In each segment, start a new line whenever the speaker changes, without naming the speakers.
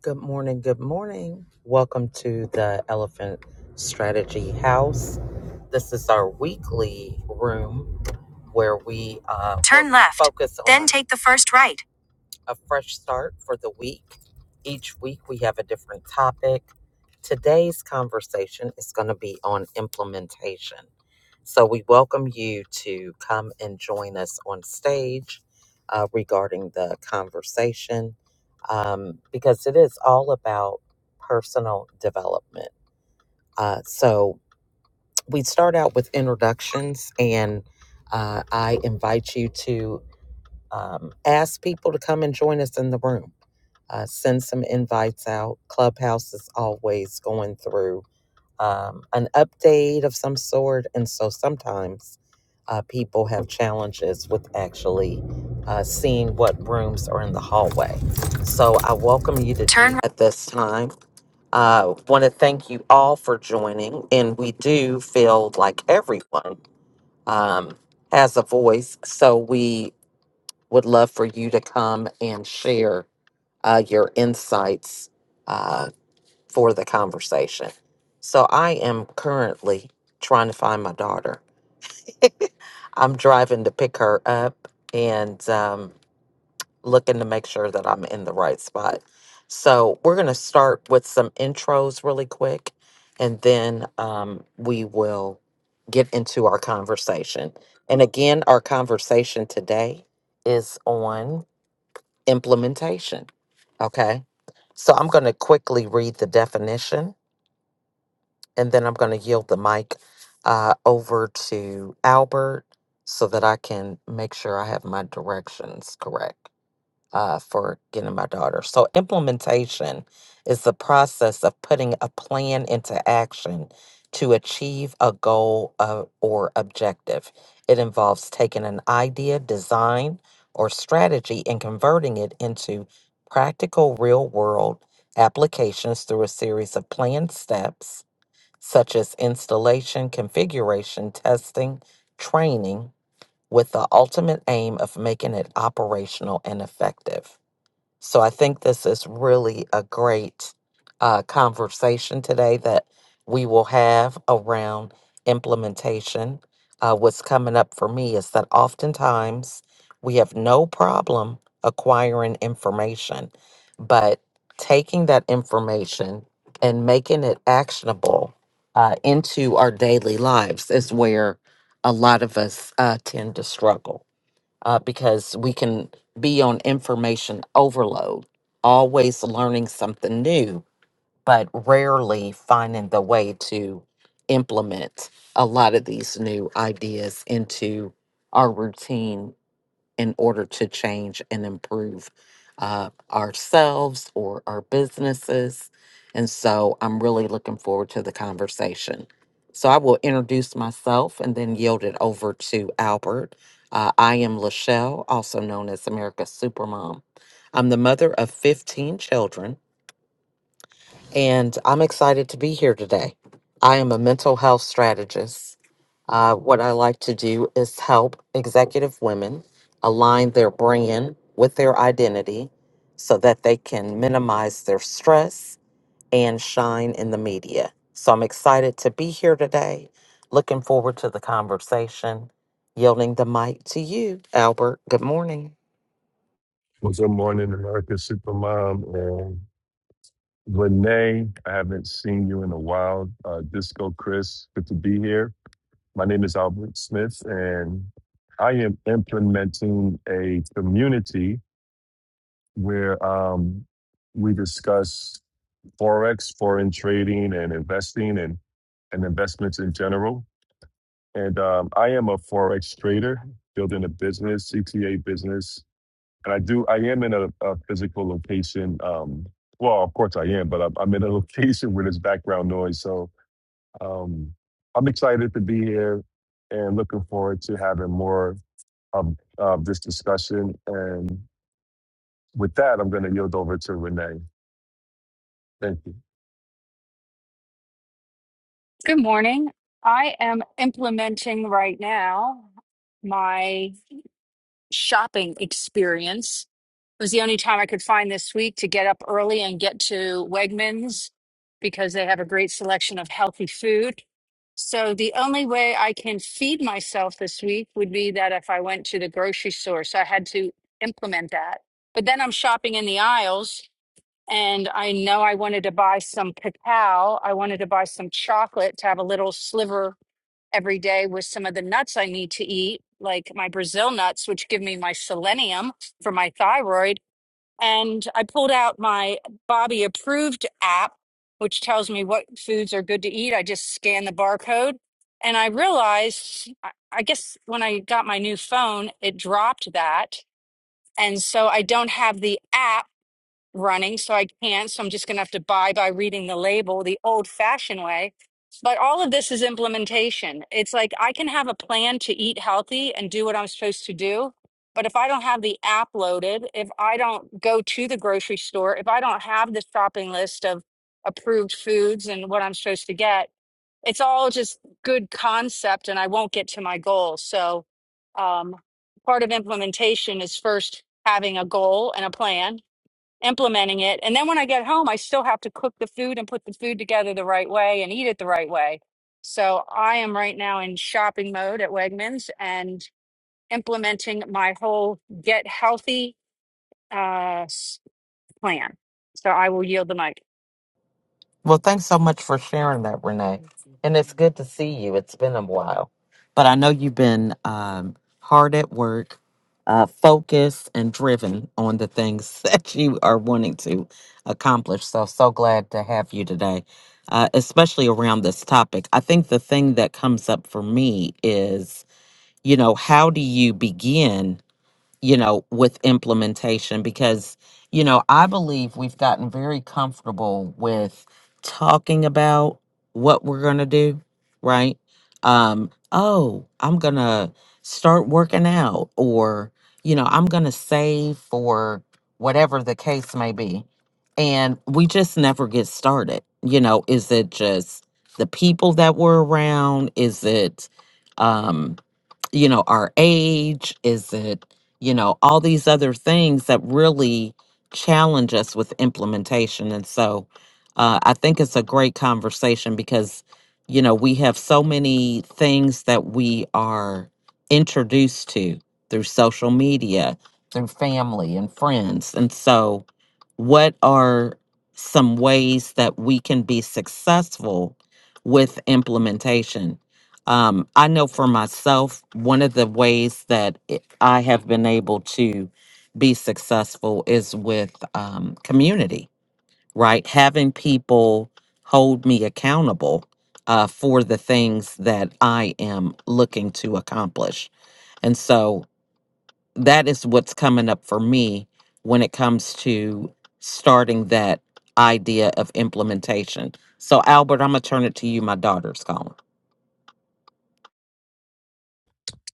Good morning. Good morning. Welcome to the Elephant Strategy House. This is our weekly room where we uh, turn left, focus on- then take the first right a fresh start for the week. Each week we have a different topic. Today's conversation is going to be on implementation. So we welcome you to come and join us on stage uh, regarding the conversation um, because it is all about personal development. Uh, so we start out with introductions, and uh, I invite you to um, ask people to come and join us in the room uh, send some invites out. Clubhouse is always going through um, an update of some sort. And so sometimes uh, people have challenges with actually uh, seeing what rooms are in the hallway. So I welcome you to turn at this time. Uh, Want to thank you all for joining. And we do feel like everyone um, has a voice. So we would love for you to come and share uh, your insights uh, for the conversation. So I am currently trying to find my daughter. I'm driving to pick her up and um, looking to make sure that I'm in the right spot. So we're going to start with some intros really quick, and then um, we will get into our conversation. And again, our conversation today is on implementation. Okay. So I'm going to quickly read the definition and then I'm going to yield the mic uh, over to Albert so that I can make sure I have my directions correct uh, for getting my daughter. So, implementation is the process of putting a plan into action to achieve a goal uh, or objective. It involves taking an idea, design, or strategy and converting it into practical real world applications through a series of planned steps such as installation, configuration, testing, training, with the ultimate aim of making it operational and effective. So I think this is really a great uh, conversation today that we will have around implementation. Uh, what's coming up for me is that oftentimes we have no problem acquiring information, but taking that information and making it actionable uh, into our daily lives is where a lot of us uh, tend to struggle uh, because we can be on information overload, always learning something new, but rarely finding the way to implement a lot of these new ideas into our routine in order to change and improve uh, ourselves or our businesses. And so I'm really looking forward to the conversation. So I will introduce myself and then yield it over to Albert. Uh, I am Lachelle, also known as America's Supermom. I'm the mother of 15 children and I'm excited to be here today. I am a mental health strategist. Uh, what I like to do is help executive women align their brand with their identity so that they can minimize their stress and shine in the media. So I'm excited to be here today. Looking forward to the conversation. Yielding the mic to you, Albert. Good morning.
Well, good morning, America Supermom and Renee. I haven't seen you in a while. Uh, Disco Chris, good to be here. My name is Albert Smith, and I am implementing a community where um, we discuss forex, foreign trading, and investing, and and investments in general. And um, I am a forex trader, building a business, CTA business and I do. I am in a, a physical location. Um, well, of course I am, but I'm, I'm in a location where there's background noise. So um, I'm excited to be here and looking forward to having more of, of this discussion. And with that, I'm going to yield over to Renee. Thank you.
Good morning. I am implementing right now my shopping experience. It was the only time I could find this week to get up early and get to Wegmans because they have a great selection of healthy food. So the only way I can feed myself this week would be that if I went to the grocery store. So I had to implement that. But then I'm shopping in the aisles and I know I wanted to buy some cacao. I wanted to buy some chocolate to have a little sliver every day with some of the nuts I need to eat, like my Brazil nuts, which give me my selenium for my thyroid. And I pulled out my Bobby approved app, which tells me what foods are good to eat. I just scan the barcode. And I realized, I I guess when I got my new phone, it dropped that. And so I don't have the app running, so I can't. So I'm just going to have to buy by reading the label the old fashioned way. But all of this is implementation. It's like I can have a plan to eat healthy and do what I'm supposed to do. But if I don't have the app loaded, if I don't go to the grocery store, if I don't have the shopping list of approved foods and what I'm supposed to get, it's all just good concept and I won't get to my goal. So, um, part of implementation is first having a goal and a plan implementing it. And then when I get home, I still have to cook the food and put the food together the right way and eat it the right way. So I am right now in shopping mode at Wegmans and implementing my whole get healthy uh, s- plan. So I will yield the mic.
Well, thanks so much for sharing that, Renee. And it's good to see you. It's been a while, but I know you've been um, hard at work, uh, focused, and driven on the things that you are wanting to accomplish. So, so glad to have you today, uh, especially around this topic. I think the thing that comes up for me is, you know, how do you begin? you know, with implementation because, you know, I believe we've gotten very comfortable with talking about what we're going to do, right? Um, oh, I'm going to start working out or, you know, I'm going to save for whatever the case may be. And we just never get started. You know, is it just the people that we're around? Is it, um, you know, our age? Is it, you know, all these other things that really challenge us with implementation? And so uh, I think it's a great conversation because, you know, we have so many things that we are introduced to through social media, through family and friends. And so, what are some ways that we can be successful with implementation? Um, I know for myself, one of the ways that it- I have been able to be successful is with um, community, right? Having people hold me accountable uh, for the things that I am looking to accomplish. And so that is what's coming up for me when it comes to starting that idea of implementation. So, Albert, I'm going to turn it to you. My daughter's calling.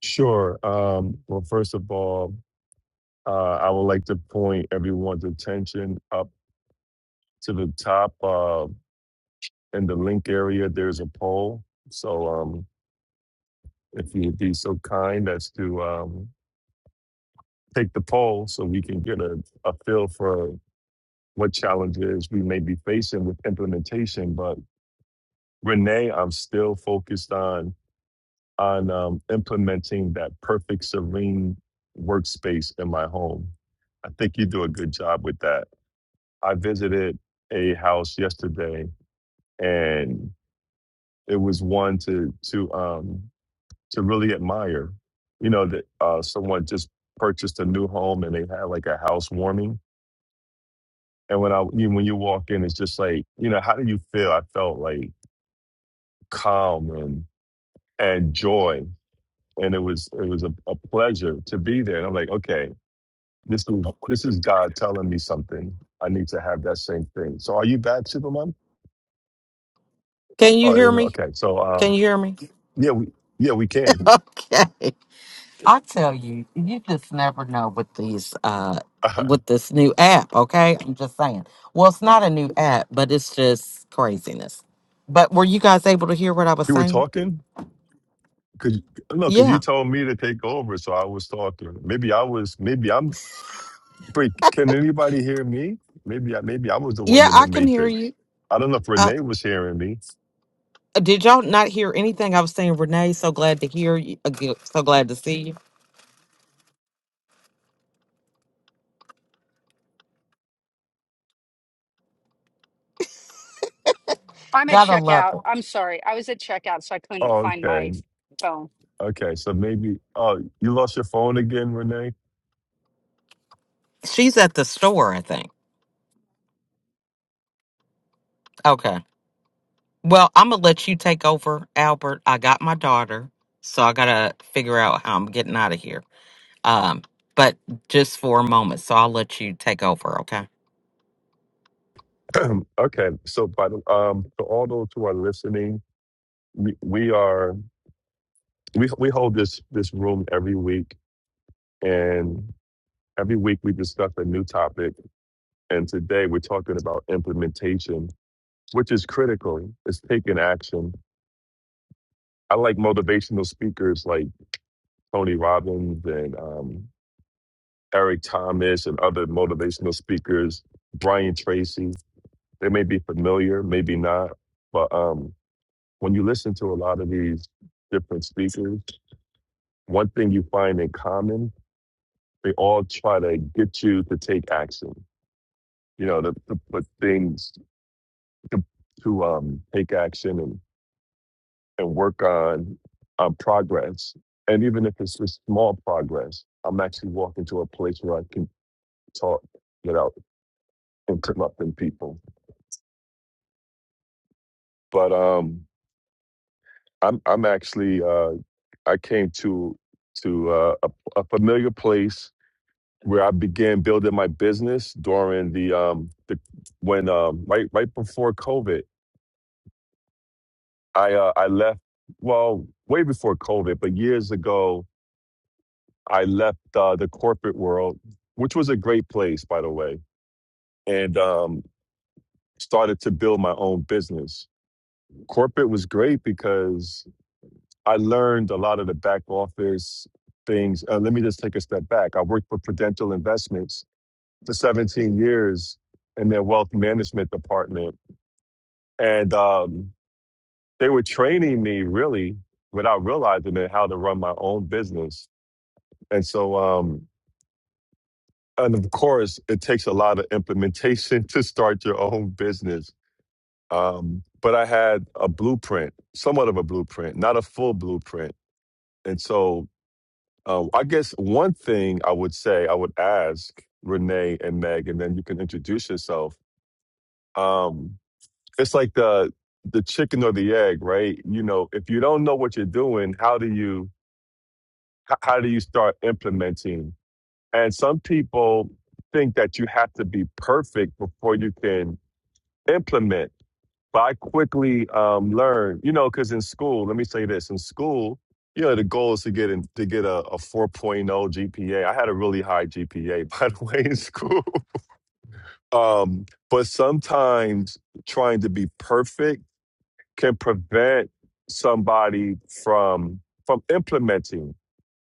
Sure. Um, well, first of all, uh, I would like to point everyone's attention up to the top uh, in the link area. There's a poll. So um, if you would be so kind as to um, take the poll so we can get a, a feel for what challenges we may be facing with implementation. But Renee, I'm still focused on on um, implementing that perfect serene workspace in my home. I think you do a good job with that. I visited a house yesterday, and it was one to to um, to really admire. You know that uh, someone just purchased a new home and they had like a housewarming. And when I you, when you walk in, it's just like you know how do you feel? I felt like calm and and joy, and it was it was a, a pleasure to be there. And I'm like, okay, this is this is God telling me something. I need to have that same thing. So are you back, Superman?
Can you
Oh,
hear
you know,
me?
okay. So
Can
um,
you hear me?
yeah, we yeah we can.
okay. I tell you, you just never know with these uh with this new app, okay? I'm just saying. Well, it's not a new app, but it's just craziness. But were you guys able to hear what I was
you were
saying?
talking. Cause no, cause you
Yeah.
told me to take over, so I was talking. Maybe I was. Maybe I'm. Wait, can anybody hear me? Maybe I. Maybe I was the one
Yeah,
in the
I can hear
matrix.
you.
I don't know if
Uh
Renee was hearing me.
did y'all not hear anything I was saying, Renee? So glad to hear you. uh, g- So glad to see you.
I'm at
Gotta love
checkout.
her.
I'm sorry. I was at checkout, so I couldn't
Oh,
find
okay,
my phone.
okay. So maybe. Oh, you lost your phone again, Renee.
She's at the store, I think. Okay. Well, I'm gonna let you take over, Albert. I got my daughter, so I gotta figure out how I'm getting out of here. Um, but just for a moment, so I'll let you take over, okay?
okay. So, by the um, to all those who are listening, we, we are we we hold this this room every week, and every week we discuss a new topic. And today we're talking about implementation which is critical, is taking action. I like motivational speakers like Tony Robbins and um, Eric Thomas and other motivational speakers, Brian Tracy. They may be familiar, maybe not, but um, when you listen to a lot of these different speakers, one thing you find in common, they all try to get you to take action. You know, to, to put things to, to um, take action and. and work on on progress. And even if it's just small progress, I'm actually walking to a place where I can talk without interrupting people. But um, I'm I'm actually uh, I came to to uh, a, a familiar place where I began building my business during the um the when um right right before COVID. I uh, I left well way before COVID, but years ago I left uh, the corporate world, which was a great place, by the way, and um, started to build my own business. Corporate was great because I learned a lot of the back office things. Uh, let me just take a step back. I worked for Prudential Investments for 17 years in their wealth management department, and um, they were training me really without realizing it how to run my own business. And so, um, and of course, it takes a lot of implementation to start your own business. Um, but I had a blueprint, somewhat of a blueprint, not a full blueprint. And so uh, I guess one thing I would say, I would ask Renee and Meg, and then you can introduce yourself. Um, it's like the the chicken or the egg, right? You know, if you don't know what you're doing, how do you h- how do you start implementing? And some people think that you have to be perfect before you can implement. But I quickly um, learned, you know, because in school, let me say this: in school, you know, the goal is to get in, to get a, a 4.0 GPA. I had a really high GPA, by the way, in school. Um, but sometimes trying to be perfect can prevent somebody from from implementing,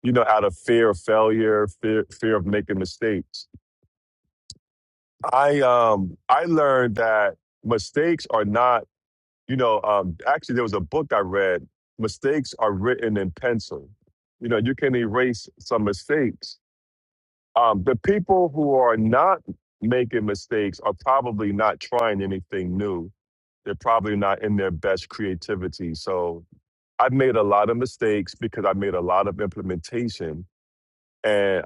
you know, out of fear of failure, fear fear of making mistakes. I um I learned that mistakes are not You know, um, actually, there was a book I read. Mistakes are written in pencil. You know, you can erase some mistakes. Um, the people who are not making mistakes are probably not trying anything new. They're probably not in their best creativity. So I've made a lot of mistakes because I made a lot of implementation, and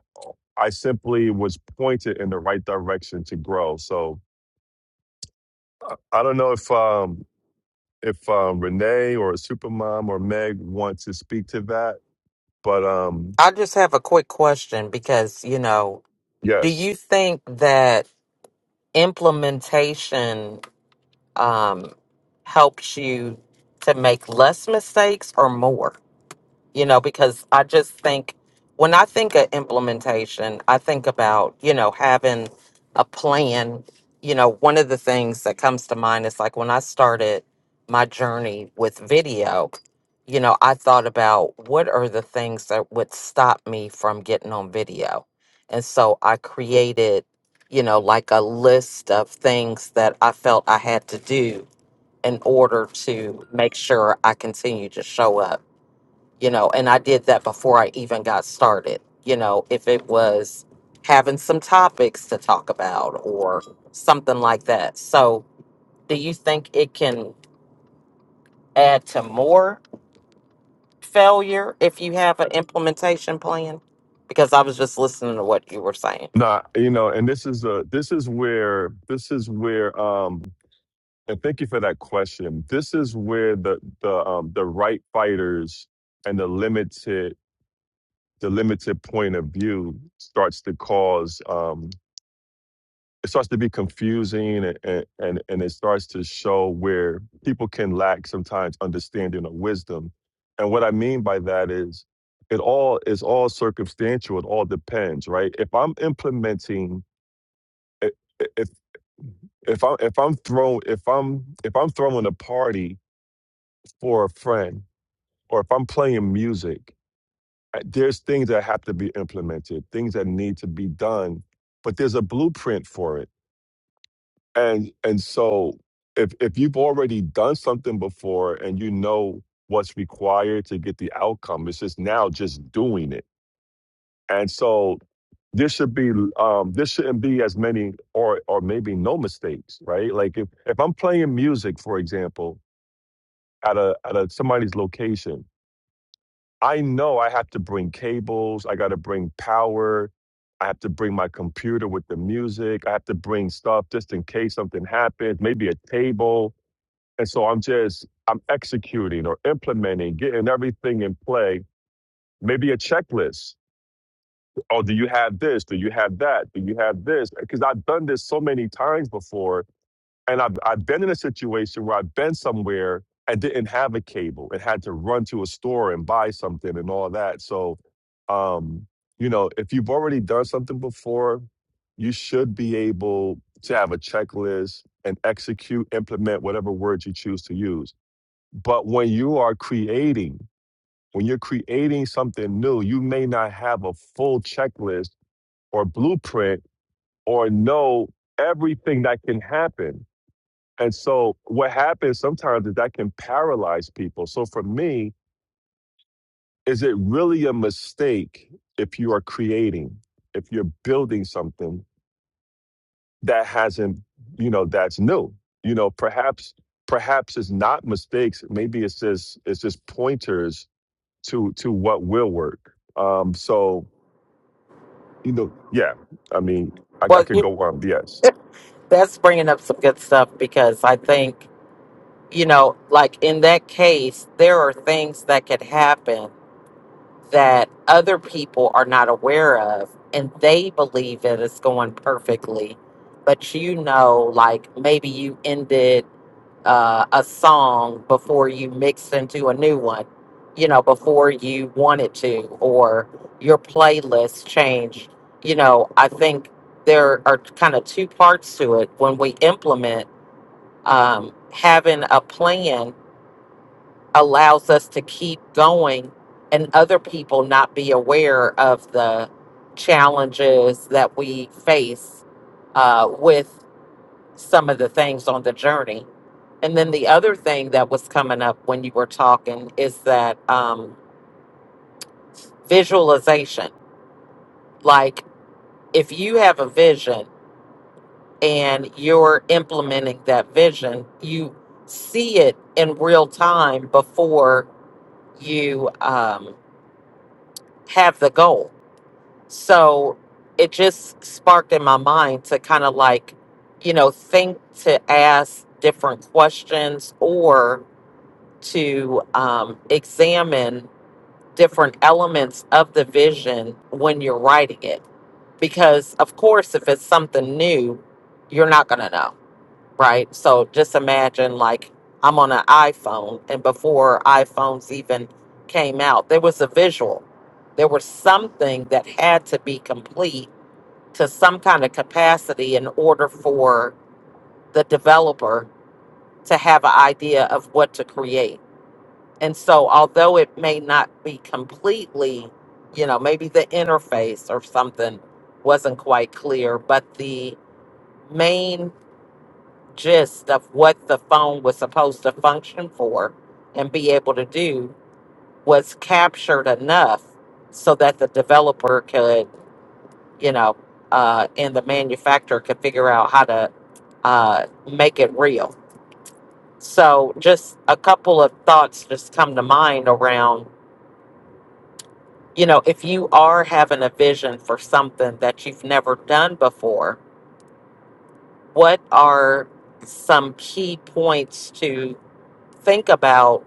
I simply was pointed in the right direction to grow. So I I don't know if um, if um, Renee or a supermom or Meg want to speak to that. But um,
I just have a quick question because, you know, do
yes,
you think that implementation um helps you to make less mistakes or more? you know, because I just think when I think of implementation, I think about, you know, having a plan. You know, one of the things that comes to mind is like when I started my journey with video, you know, I thought about what are the things that would stop me from getting on video. And so I created, you know, like a list of things that I felt I had to do in order to make sure I continue to show up you know, and I did that before I even got started. You know, if it was having some topics to talk about or something like that. So, do you think it can add to more failure if you have an implementation plan? Because I was just listening to what you were saying.
not you know, and this is a this is where this is where um, and thank you for that question. This is where the the um, the right fighters and the limited the limited point of view starts to cause um, it starts to be confusing and, and and and it starts to show where people can lack sometimes understanding or wisdom and what i mean by that is it all is all circumstantial it all depends right if i'm implementing i- if if i'm if i'm throwing if i'm if i'm throwing a party for a friend or if i'm playing music uh, there's things that have to be implemented things that need to be done but there's a blueprint for it and and so if if you've already done something before and you know what's required to get the outcome it's just now just doing it and so there should be um there shouldn't be as many or or maybe no mistakes right like if if i'm playing music for example at a at a somebody's location i know i have to bring cables i got to bring power i have to bring my computer with the music i have to bring stuff just in case something happens maybe a table and so I'm just, I'm executing or implementing, getting everything in play. Maybe a checklist. Oh, do you have this? Do you have that? Do you have this? Because I've done this so many times before. And I've, I've been in a situation where I've been somewhere and didn't have a cable and had to run to a store and buy something and all that. So, um, you know, if you've already done something before, you should be able to have a checklist and execute, implement whatever words you choose to use but when you are creating, when you're creating something new, you may not have a full checklist or blueprint or know everything that can happen. And so what happens sometimes is that can paralyze people. So for me, is it really a mistake if you are creating, if you're building something that hasn't, you know, that's new? You know, perhaps perhaps it's not mistakes. Maybe it's just it's just pointers to to what will work. Um, so you know, yeah, I mean, I, I
Well,
could
you-
go on. Yes,
that's bringing up some good stuff because I think, you know, like in that case, there are things that could happen that other people are not aware of and they believe it is going perfectly but you know like maybe you ended uh, a song before you mixed into a new one you know before you wanted to or your playlist changed you know i think there are kind of two parts to it when we implement um, having a plan allows us to keep going and other people not be aware of the challenges that we face uh, with some of the things on the journey. And then the other thing that was coming up when you were talking is that um, visualization. Like if you have a vision and you're implementing that vision, you see it in real time before you um, have the goal So it just sparked in my mind to kind of like, you know, think to ask different questions or to um, examine different elements of the vision when you're writing it. Because, of course, if it's something new, you're not going to know, right? So just imagine like I'm on an iPhone, and before iPhones even came out, there was a visual, there was something that had to be complete to some kind of capacity in order for the developer to have an idea of what to create. And so, although it may not be completely, you know, maybe the interface or something wasn't quite clear, but the main gist of what the phone was supposed to function for and be able to do was captured enough so that the developer could, you know, uh, and the manufacturer could figure out how to uh, make it real. So, just a couple of thoughts just come to mind around, you know, if you are having a vision for something that you've never done before, what are some key points to think about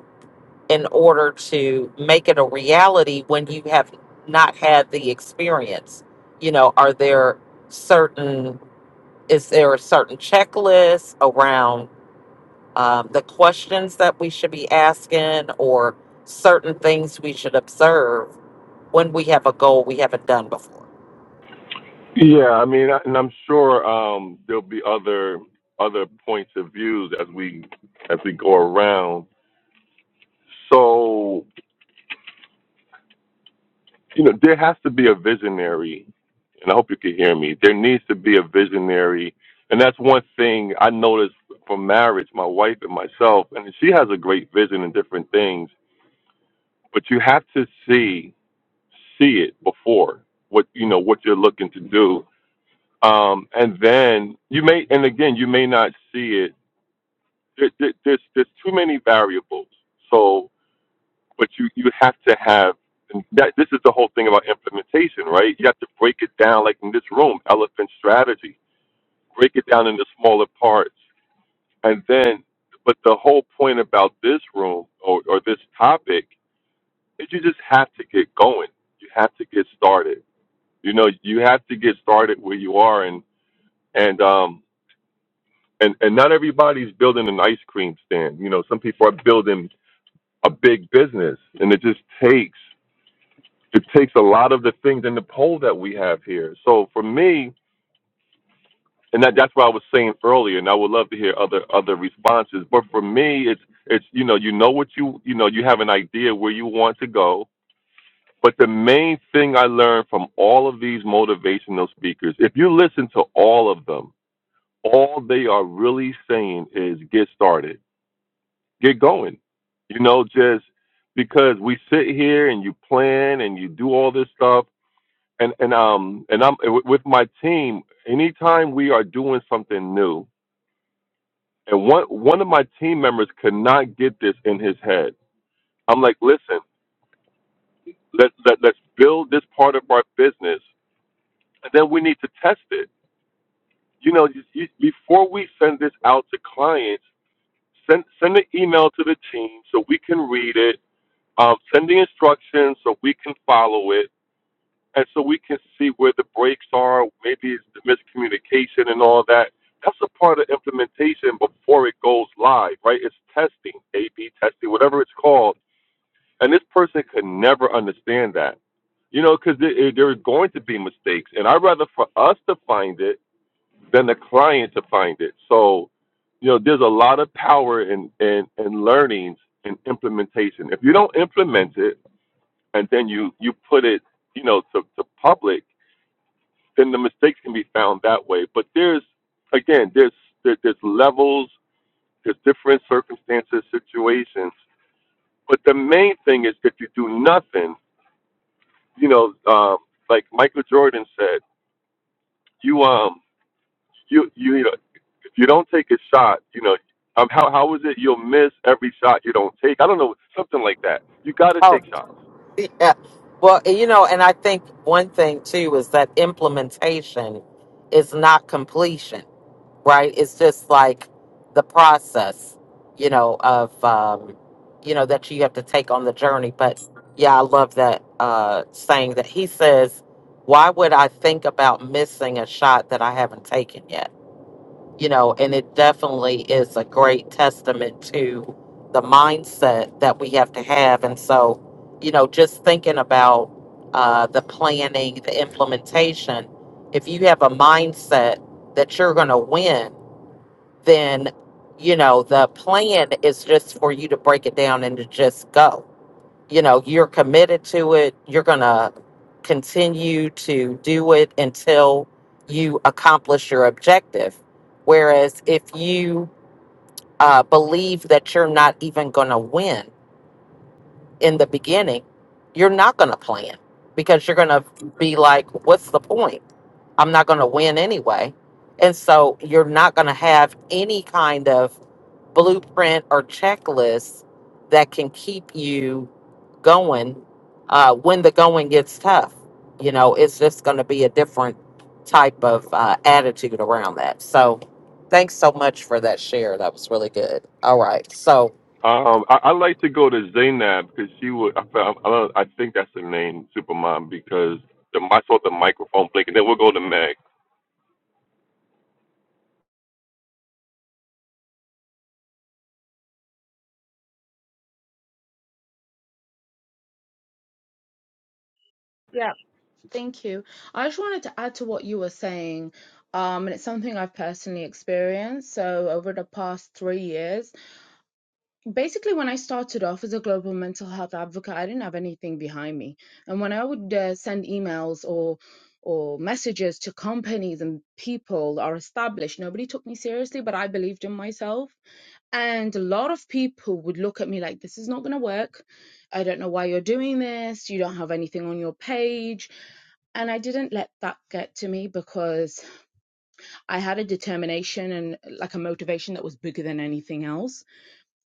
in order to make it a reality when you have not had the experience? You know, are there certain, is there a certain checklist around? um, the questions that we should be asking or certain things we should observe when we have a goal we haven't done before.
Yeah, I mean, I- and I'm sure um, there'll be other other points of views as we as we go around. So you know, there has to be a visionary, and I hope you can hear me. There needs to be a visionary, and that's one thing I noticed from marriage, my wife and myself, and she has a great vision in different things. But you have to see see it before what you know what you're looking to do um and then you may and again you may not see it there, there, there's there's too many variables so but you you have to have and that this is the whole thing about implementation right you have to break it down like in this room elephant strategy break it down into smaller parts and then but the whole point about this room or, or this topic is you just have to get going you have to get started You know, you have to get started where you are, and and um and and not everybody's building an ice cream stand. You know, some people are building a big business, and it just takes it takes a lot of the things in the poll that we have here. So for me, and that that's what I was saying earlier, and I would love to hear other other responses. But for me, it's it's you know you know what you you know you have an idea where you want to go. But the main thing I learned from all of these motivational speakers, if you listen to all of them, all they are really saying is get started, get going. You know, just because we sit here and you plan and you do all this stuff, and and um and I'm w- with my team. Anytime we are doing something new, and one one of my team members could not get this in his head. I'm like, listen, let, let let's build this part of our business, and then we need to test it. You know, you, you, before we send this out to clients Send send an email to the team so we can read it. Um, send the instructions so we can follow it, and so we can see where the breaks are. Maybe it's the miscommunication and all that. That's a part of implementation before it goes live, right? It's testing, A/B testing, whatever it's called. And this person could never understand that, you know, because there are going to be mistakes. And I'd rather for us to find it than the client to find it. So, you know, there's a lot of power in in, in learnings and implementation. If you don't implement it and then you you put it, you know, to, to public, then the mistakes can be found that way. But there's again, there's there, there's levels, there's different circumstances, situations. But the main thing is if you do nothing, you know, um, like Michael Jordan said, you um you you you don't take a shot, you know, um, how how is it you'll miss every shot you don't take? I don't know, something like that. You got to take
Oh,
shots.
yeah. Well, eh, you know, and I think one thing too is that implementation is not completion. right? It's just like the process, you know, of um, you know that you have to take on the journey. But yeah, I love that uh, saying that he says, "Why would I think about missing a shot that I haven't taken yet?" You know, and it definitely is a great testament to the mindset that we have to have. And so, you know, just thinking about uh, the planning, the implementation. If you have a mindset that you're going to win then you know the plan is just for you to break it down and to just go you know you're committed to it you're gonna continue to do it until you accomplish your objective whereas if you uh, believe that you're not even gonna win in the beginning you're not gonna plan because you're gonna be like what's the point i'm not gonna win anyway and so you're not gonna have any kind of blueprint or checklist that can keep you going uh, when the going gets tough. You know, it's just going to be a different type of uh, attitude around that. So, thanks so much for that share. That was really good. All right. So,
Um, I, I like to go to Zaynab because she would. I, found- I, don't, I think that's the name, Supermom, because the I saw the microphone blink, and then we'll go to Meg.
Yeah, thank you. I just wanted to add to what you were saying, um, and it's something I've personally experienced. So, over the past three years, basically, when I started off as a global mental health advocate, I didn't have anything behind me. And when I would uh, send emails or or messages to companies and people that are established, nobody took me seriously, but I believed in myself. And a lot of people would look at me like, this is not going to work. I don't know why you're doing this. You don't have anything on your page. And I didn't let that get to me because I had a determination and like a motivation that was bigger than anything else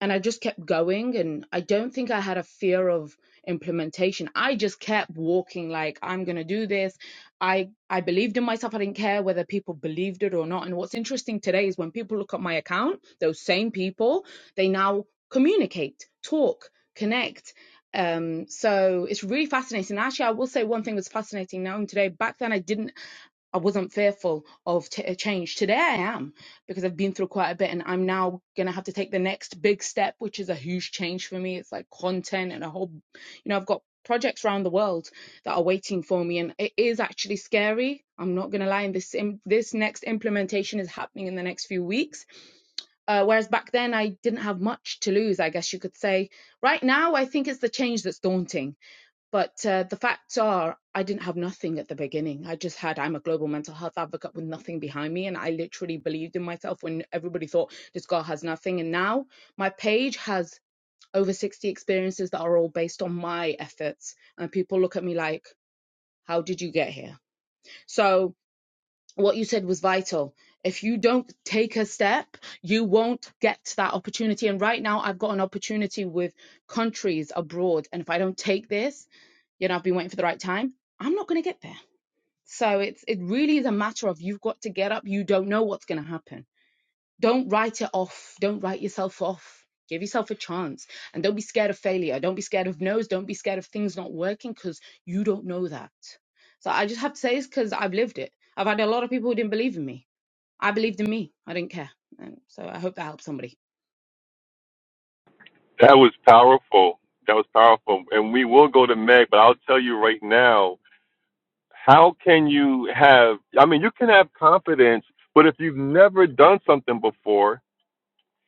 and I just kept going. And I don't think I had a fear of implementation. I just kept walking like I'm gonna do this. I I believed in myself. I didn't care whether people believed it or not. And what's interesting today is when people look at my account, those same people, they now communicate, talk, connect. Um, so it's really fascinating. Actually, I will say one thing was fascinating knowing today. Back then, I didn't. I wasn't fearful of t- uh, change. Today I am because I've been through quite a bit and I'm now going to have to take the next big step, which is a huge change for me. It's like content and a whole, you know, I've got projects around the world that are waiting for me and it is actually scary. I'm not going to lie. And this, im- this next implementation is happening in the next few weeks. Uh, whereas back then I didn't have much to lose, I guess you could say. Right now, I think it's the change that's daunting but uh, the facts are, I didn't have nothing at the beginning. I just had, I'm a global mental health advocate with nothing behind me. And I literally believed in myself when everybody thought this girl has nothing. And now my page has over 60 experiences that are all based on my efforts. And people look at me like, how did you get here? So what you said was vital. If you don't take a step, you won't get that opportunity. And right now, I've got an opportunity with countries abroad. And if I don't take this, you know, I've been waiting for the right time. I'm not going to get there. So it's it really is a matter of you've got to get up. You don't know what's going to happen. Don't write it off. Don't write yourself off. Give yourself a chance and don't be scared of failure. Don't be scared of no's. Don't be scared of things not working because you don't know that. So I just have to say this because I've lived it. I've had a lot of people who didn't believe in me. I believed in me. I didn't care. And so I hope that helps somebody.
That was powerful. That was powerful, and we will go to Meg. But I'll tell you right now, how can you have? I mean, you can have confidence, but if you've never done something before,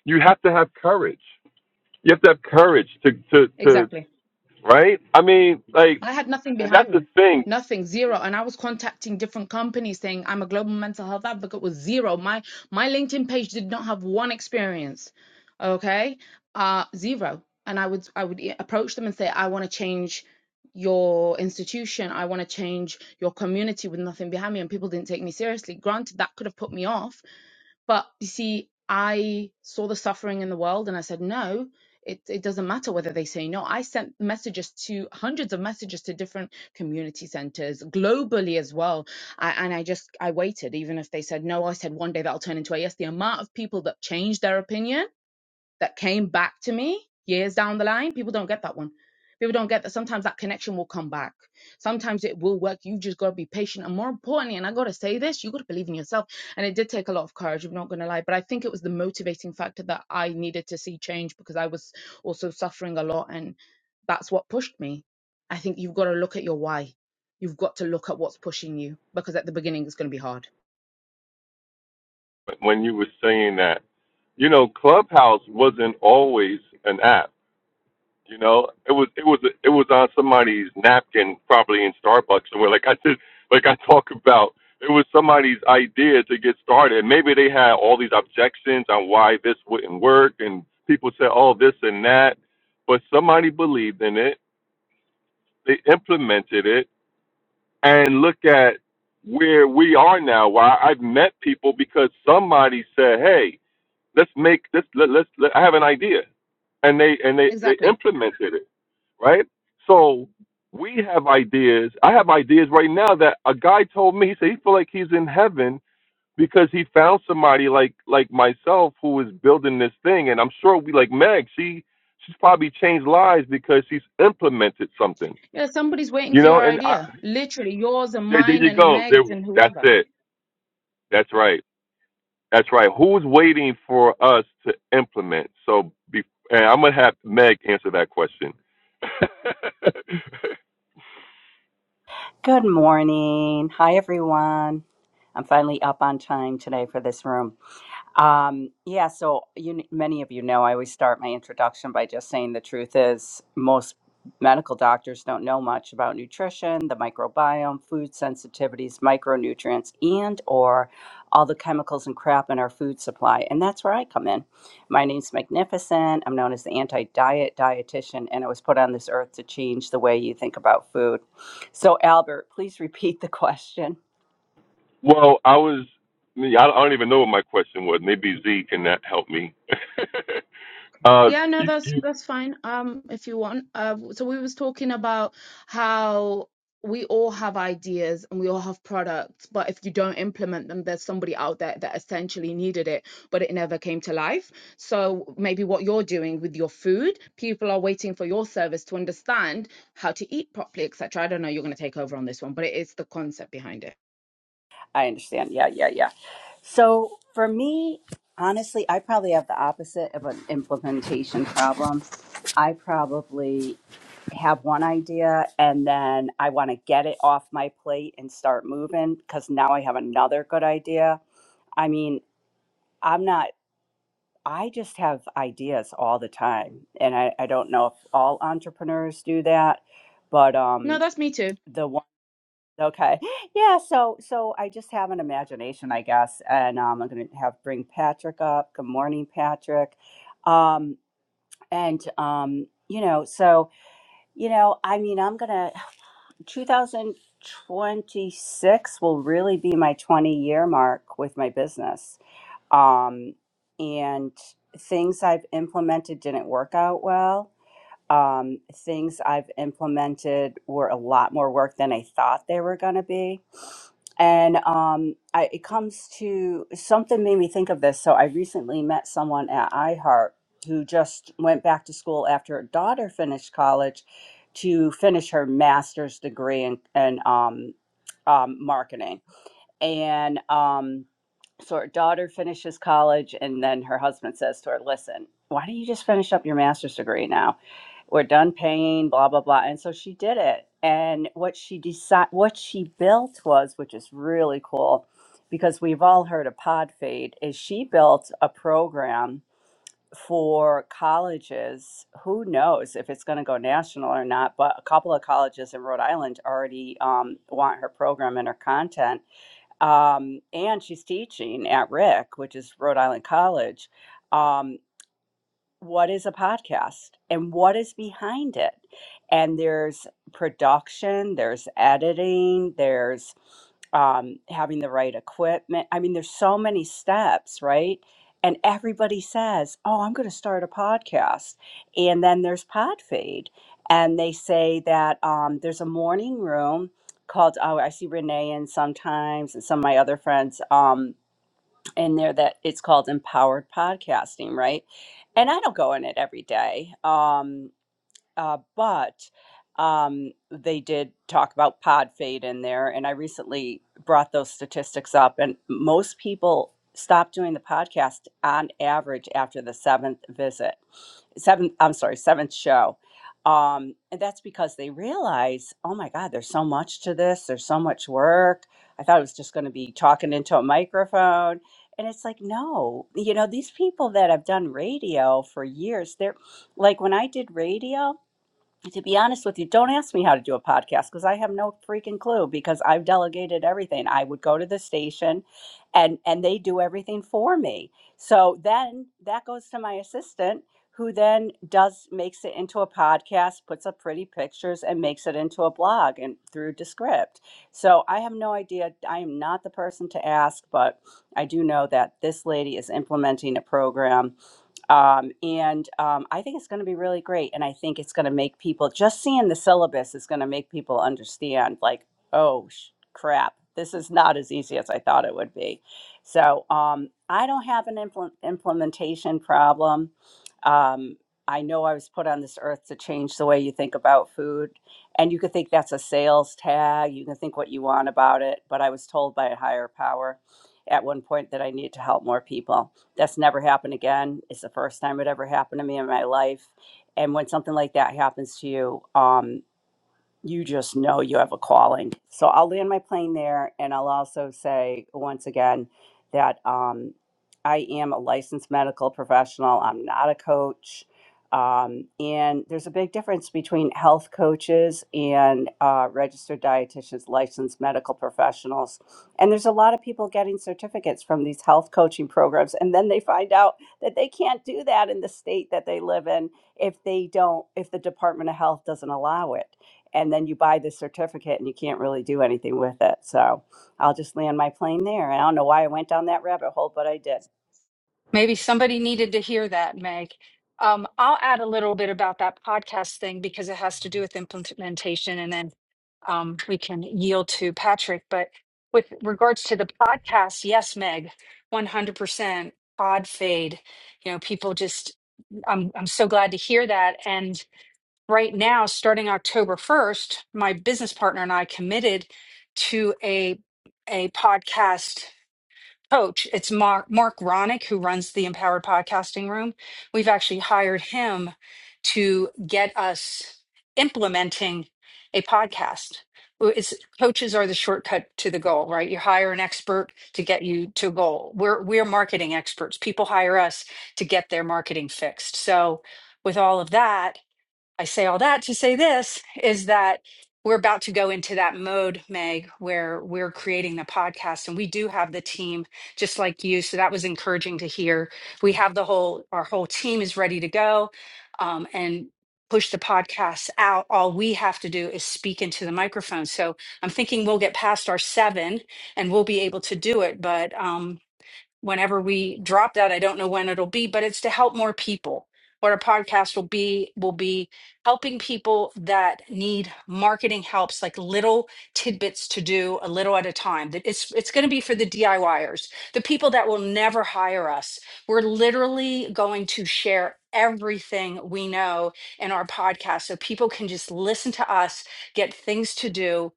you have to have courage. You have to have courage to to to
Exactly.
right. I mean, like,
I had nothing
and
behind
that's the
me,
thing
nothing, zero. And I was contacting different companies saying I'm a global mental health advocate with zero. My my LinkedIn page did not have one experience, okay, uh, zero. And I would I would e- approach them and say I want to change your institution, I want to change your community with nothing behind me, and people didn't take me seriously. Granted, that could have put me off but you see, I saw the suffering in the world and I said, no, it, it doesn't matter whether they say no. I sent messages to hundreds of messages to different community centers globally as well. I, and I just, I waited. Even if they said no, I said one day that'll turn into a yes. The amount of people that changed their opinion that came back to me years down the line. People don't get that one. People don't get that. Sometimes that connection will come back. Sometimes it will work. You just gotta be patient. And more importantly, and I gotta say this, you gotta believe in yourself. And it did take a lot of courage, I'm not gonna lie. But I think it was the motivating factor that I needed to see change because I was also suffering a lot and that's what pushed me. I think you've got to look at your why. You've got to look at what's pushing you because at the beginning it's gonna be hard.
when you were saying that. You know, Clubhouse wasn't always an app. You know, it was it was it was on somebody's napkin, probably in Starbucks somewhere. Like I did, like I talk about. It was somebody's idea to get started. Maybe they had all these objections on why this wouldn't work, and people said, "Oh, this and that," but somebody believed in it. They implemented it and look at where we are now. Why I've met people because somebody said, "Hey, let's make this. Let, let's. Let, I have an idea," and they and they they
Exactly.
implemented it. Right. So we have ideas. I have ideas right now that a guy told me. He said he feel like he's in heaven because he found somebody like like myself who is building this thing. And I'm sure we like Meg. She she's probably changed lives because she's implemented something.
Yeah, somebody's waiting
You
for
know,
your
and I,
idea. Literally, yours and
there, there
mine
you
and
go. There,
Meg's and
that's
whoever.
it. That's right. That's right. Who's waiting for us to implement? So, be, and I'm gonna have Meg answer that question.
Good morning. Hi, everyone. I'm finally up on time today for this room. Um, yeah, so you, many of you know I always start my introduction by just saying the truth is most medical doctors don't know much about nutrition, the microbiome, food sensitivities, micronutrients, and or all the chemicals and crap in our food supply. And that's where I come in. My name's Magnificent. I'm known as the anti-diet dietitian, and I was put on this earth to change the way you think about food. So Albert, please repeat the question.
well, I was. I don't even know what my question was. Maybe Z can that help me. uh,
Yeah, no,
you,
that's
you,
that's fine. Um, if you want. Uh, so we was talking about how we all have ideas and we all have products, but if you don't implement them, there's somebody out there that essentially needed it, but it never came to life. So maybe what you're doing with your food, people are waiting for your service to understand how to eat properly, etc. I don't know. You're going to take over on this one, but it is the concept behind it.
I understand. Yeah, yeah, yeah. So for me, honestly, I probably have the opposite of an implementation problem. I probably have one idea and then I want to get it off my plate and start moving because now I have another good idea. I mean, I'm not, I just have ideas all the time. And I, I don't know if all entrepreneurs do that, but
No,
um,
that's me too.
the one. Okay. Yeah, so so I just have an imagination, I guess. And um, I'm gonna have bring Patrick up. Good morning, Patrick. Um, and um, you know, so you know, I mean, I'm gonna 2026 will really be my 20 year mark with my business. Um, and things I've implemented didn't work out well. Um, things I've implemented were a lot more work than I thought they were gonna be and um, I, it comes to something made me think of this. So I recently met someone at iHeart who just went back to school after her daughter finished college to finish her master's degree in, in um, um, marketing. And um, so her daughter finishes college, and then her husband says to her, "Listen, why don't you just finish up your master's degree now?" we're done paying blah blah blah and so she did it and what she decided what she built was which is really cool because we've all heard of podfade is she built a program for colleges who knows if it's going to go national or not but a couple of colleges in rhode island already um, want her program and her content um, and she's teaching at RIC, which is rhode island college Um, what is a podcast and what is behind it. And there's production, there's editing, there's um, having the right equipment. I mean, there's so many steps, right? And everybody says, Oh, I'm going to start a podcast. And then there's Podfade. And they say that um, there's a morning room called, oh, I see Renee in sometimes and some of my other friends. Um, in there that it's called empowered podcasting right and i don't go in it every day um uh, but um, they did talk about pod fade in there, and I recently brought those statistics up, and most people stop doing the podcast on average after the seventh visit, seventh. I'm sorry, seventh show. Um, and that's because they realize, oh my God, there's so much to this. There's so much work. I thought it was just going to be talking into a microphone. And it's like, no, you know, these people that have done radio for years, they're like when I did radio, to be honest with you, don't ask me how to do a podcast because I have no freaking clue because I've delegated everything. I would go to the station and and they do everything for me. So then that goes to my assistant who then does makes it into a podcast, puts up pretty pictures and makes it into a blog and through Descript. So I have no idea. I am not the person to ask, but I do know that this lady is implementing a program um, and um, I think it's going to be really great. And I think it's going to make people just seeing the syllabus is going to make people understand, like, oh sh- crap, this is not as easy as I thought it would be. So um, I don't have an impl- implementation problem. Um, I know I was put on this earth to change the way you think about food. And you could think that's a sales tag. You can think what you want about it. But I was told by a higher power at one point that I need to help more people. That's never happened again. It's the first time it ever happened to me in my life. And when something like that happens to you, um, you just know you have a calling. So I'll land my plane there, and I'll also say once again that um, I am a licensed medical professional. I'm not a coach, um, and there's a big difference between health coaches and uh, registered dietitians, licensed medical professionals. And there's a lot of people getting certificates from these health coaching programs, and then they find out that they can't do that in the state that they live in if they don't, if the Department of Health doesn't allow it and then you buy this certificate and you can't really do anything with it. So I'll just land my plane there. And I don't know why I went down that rabbit hole, but I did.
Maybe somebody needed to hear that, Meg. Um, I'll add a little bit about that podcast thing because it has to do with implementation, and then um, we can yield to Patrick. But with regards to the podcast, yes, Meg, one hundred percent pod fade. You know, people just. I'm I'm so glad to hear that. And right now, starting October first, my business partner and I committed to a a podcast coach. It's Mark Mark Ronick who runs the Empowered Podcasting Room. We've actually hired him to get us implementing a podcast. Well, It's coaches are the shortcut to the goal, right? You hire an expert to get you to a goal. We're we're marketing experts. People hire us to get their marketing fixed. So with all of that, I say all that to say this is that we're about to go into that mode, Meg, where we're creating the podcast and we do have the team just like you. So that was encouraging to hear. We have the whole, our whole team is ready to go um, and push the podcast out. All we have to do is speak into the microphone. So I'm thinking we'll get past our seven and we'll be able to do it. But, um, whenever we drop that i don't know when it'll be but it's to help more people what our podcast will be will be helping people that need marketing helps like little tidbits to do a little at a time that it's it's going to be for the diyers the people that will never hire us we're literally going to share everything we know in our podcast so people can just listen to us get things to do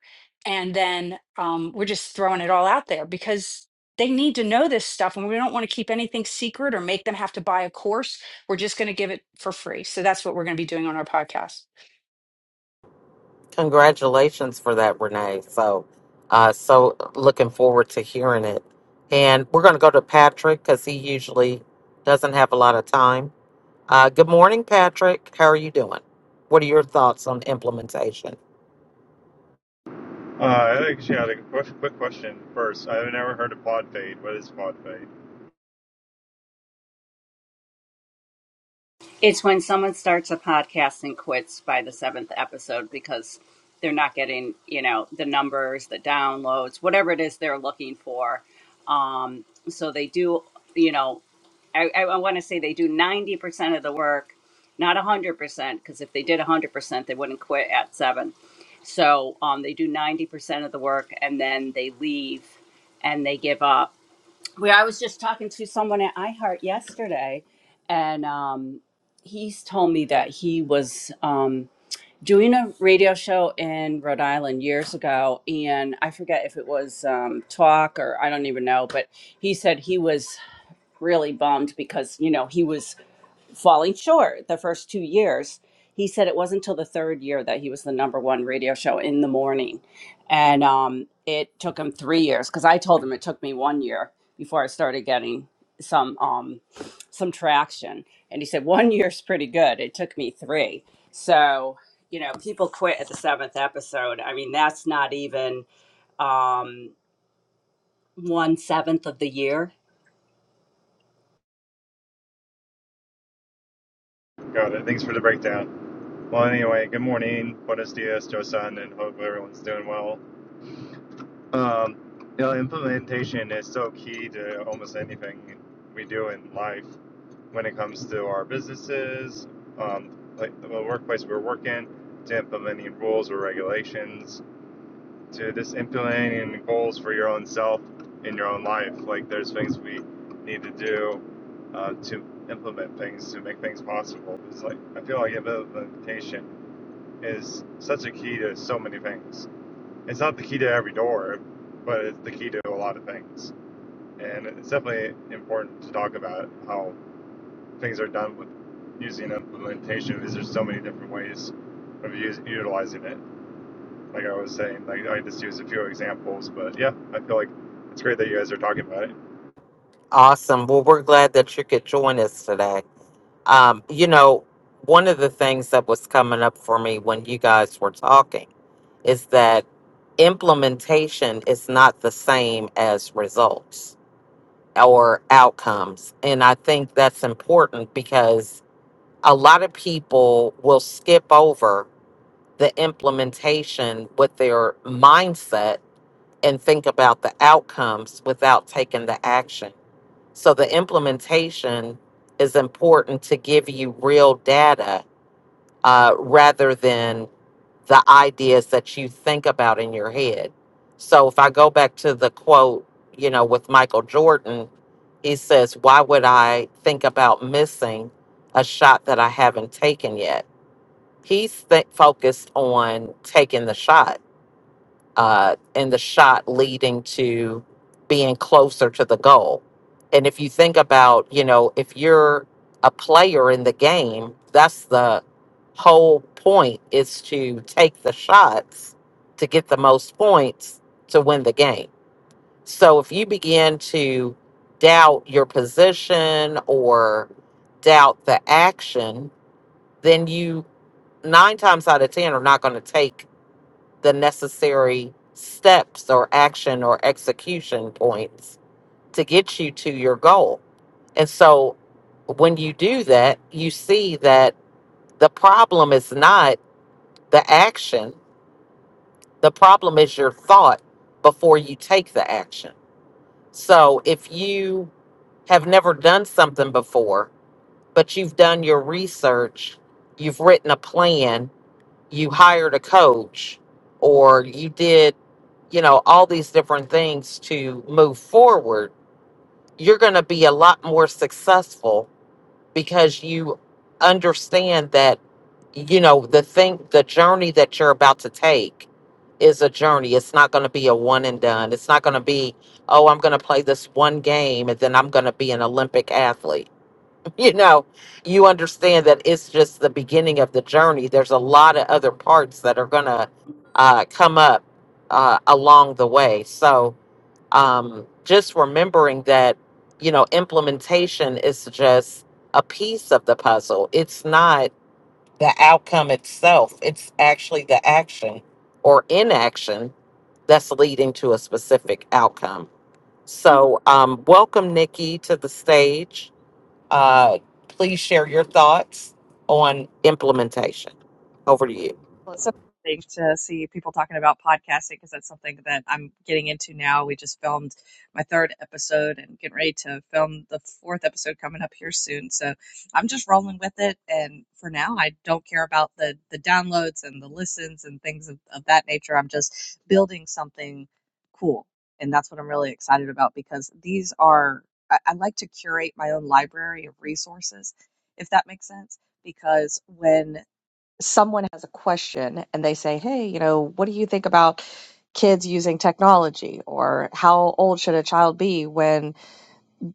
and then um, we're just throwing it all out there because they need to know this stuff and we don't want to keep anything secret or make them have to buy a course we're just going to give it for free so that's what we're going to be doing on our podcast
congratulations for that, Renee. So, uh, so looking forward to hearing it. And we're going to go to Patrick because he usually doesn't have a lot of time. Uh, good morning, Patrick. How are you doing? What are your thoughts on implementation?
Uh, I actually had a quick, quick question first. I've never heard of pod fade. What is pod fade?
It's when someone starts a podcast and quits by the seventh episode because they're not getting, you know, the numbers, the downloads, whatever it is they're looking for. Um, so they do, you know, I, I want to say they do 90% of the work, not 100%, because if they did 100%, they wouldn't quit at seven. So um, they do 90% of the work and then they leave and they give up we. I was just talking to someone at iHeart yesterday, and um, he's told me that he was um, doing a radio show in Rhode Island years ago, and I forget if it was um, talk or I don't even know, but he said he was really bummed because you know he was falling short the first two years. He said it wasn't until the third year that he was the number one radio show in the morning. And um, it took him three years because I told him it took me one year before I started getting some um, some traction. And he said, one year's pretty good. It took me three. So, you know, people quit at the seventh episode. I mean, that's not even um, one seventh of the year
Got it. Thanks for the breakdown. Well, anyway, good morning. Buenos dias, Josan, and hope everyone's doing well. Um, you know, implementation is so key to almost anything we do in life when it comes to our businesses, um, like the workplace we're working, to implementing rules or regulations to just implementing goals for your own self in your own life. Like there's things we need to do uh, to implement things to make things possible. It's like I feel like implementation is such a key to so many things. It's not the key to every door, but it's the key to a lot of things. And it's definitely important to talk about how things are done with using implementation because there's so many different ways of us utilizing it like I was saying, like I just used a few examples, but yeah, I feel like it's great that you guys are talking about it.
Awesome. Well, we're glad that you could join us today. Um, you know, one of the things that was coming up for me when you guys were talking is that implementation is not the same as results or outcomes. And I think that's important because a lot of people will skip over the implementation with their mindset and think about the outcomes without taking the action. So the implementation is important to give you real data uh, rather than the ideas that you think about in your head. So if I go back to the quote, you know, with Michael Jordan, he says, Why would I think about missing a shot that I haven't taken yet? He's th- focused on taking the shot uh, and the shot leading to being closer to the goal. And if you think about, you know, if you're a player in the game, that's the whole point is to take the shots to get the most points to win the game. So if you begin to doubt your position or doubt the action, then you nine times out of 10 are not going to take the necessary steps or action or execution points to get you to your goal. And so when you do that, you see that the problem is not the action, the problem is your thought before you take the action. So if you have never done something before, but you've done your research, you've written a plan, you hired a coach or you did you know all these different things to move forward you're going to be a lot more successful because you understand that you know the thing the journey that you're about to take is a journey it's not going to be a one and done it's not going to be oh i'm going to play this one game and then i'm going to be an olympic athlete you know, you understand that it's just the beginning of the journey. There's a lot of other parts that are going to uh, come up uh, along the way. So um, just remembering that, you know, implementation is just a piece of the puzzle, it's not the outcome itself, it's actually the action or inaction that's leading to a specific outcome. So, um, welcome, Nikki, to the stage. Uh, please share your thoughts on implementation. Over to you.
Well, it's something to see people talking about podcasting because that's something that I'm getting into now. We just filmed my third episode and getting ready to film the fourth episode coming up here soon. So I'm just rolling with it, and for now, I don't care about the the downloads and the listens and things of, of that nature. I'm just building something cool, and that's what I'm really excited about because these are I, I like to curate my own library of resources, if that makes sense because when someone has a question and they say, Hey, you know, what do you think about kids using technology? Or how old should a child be when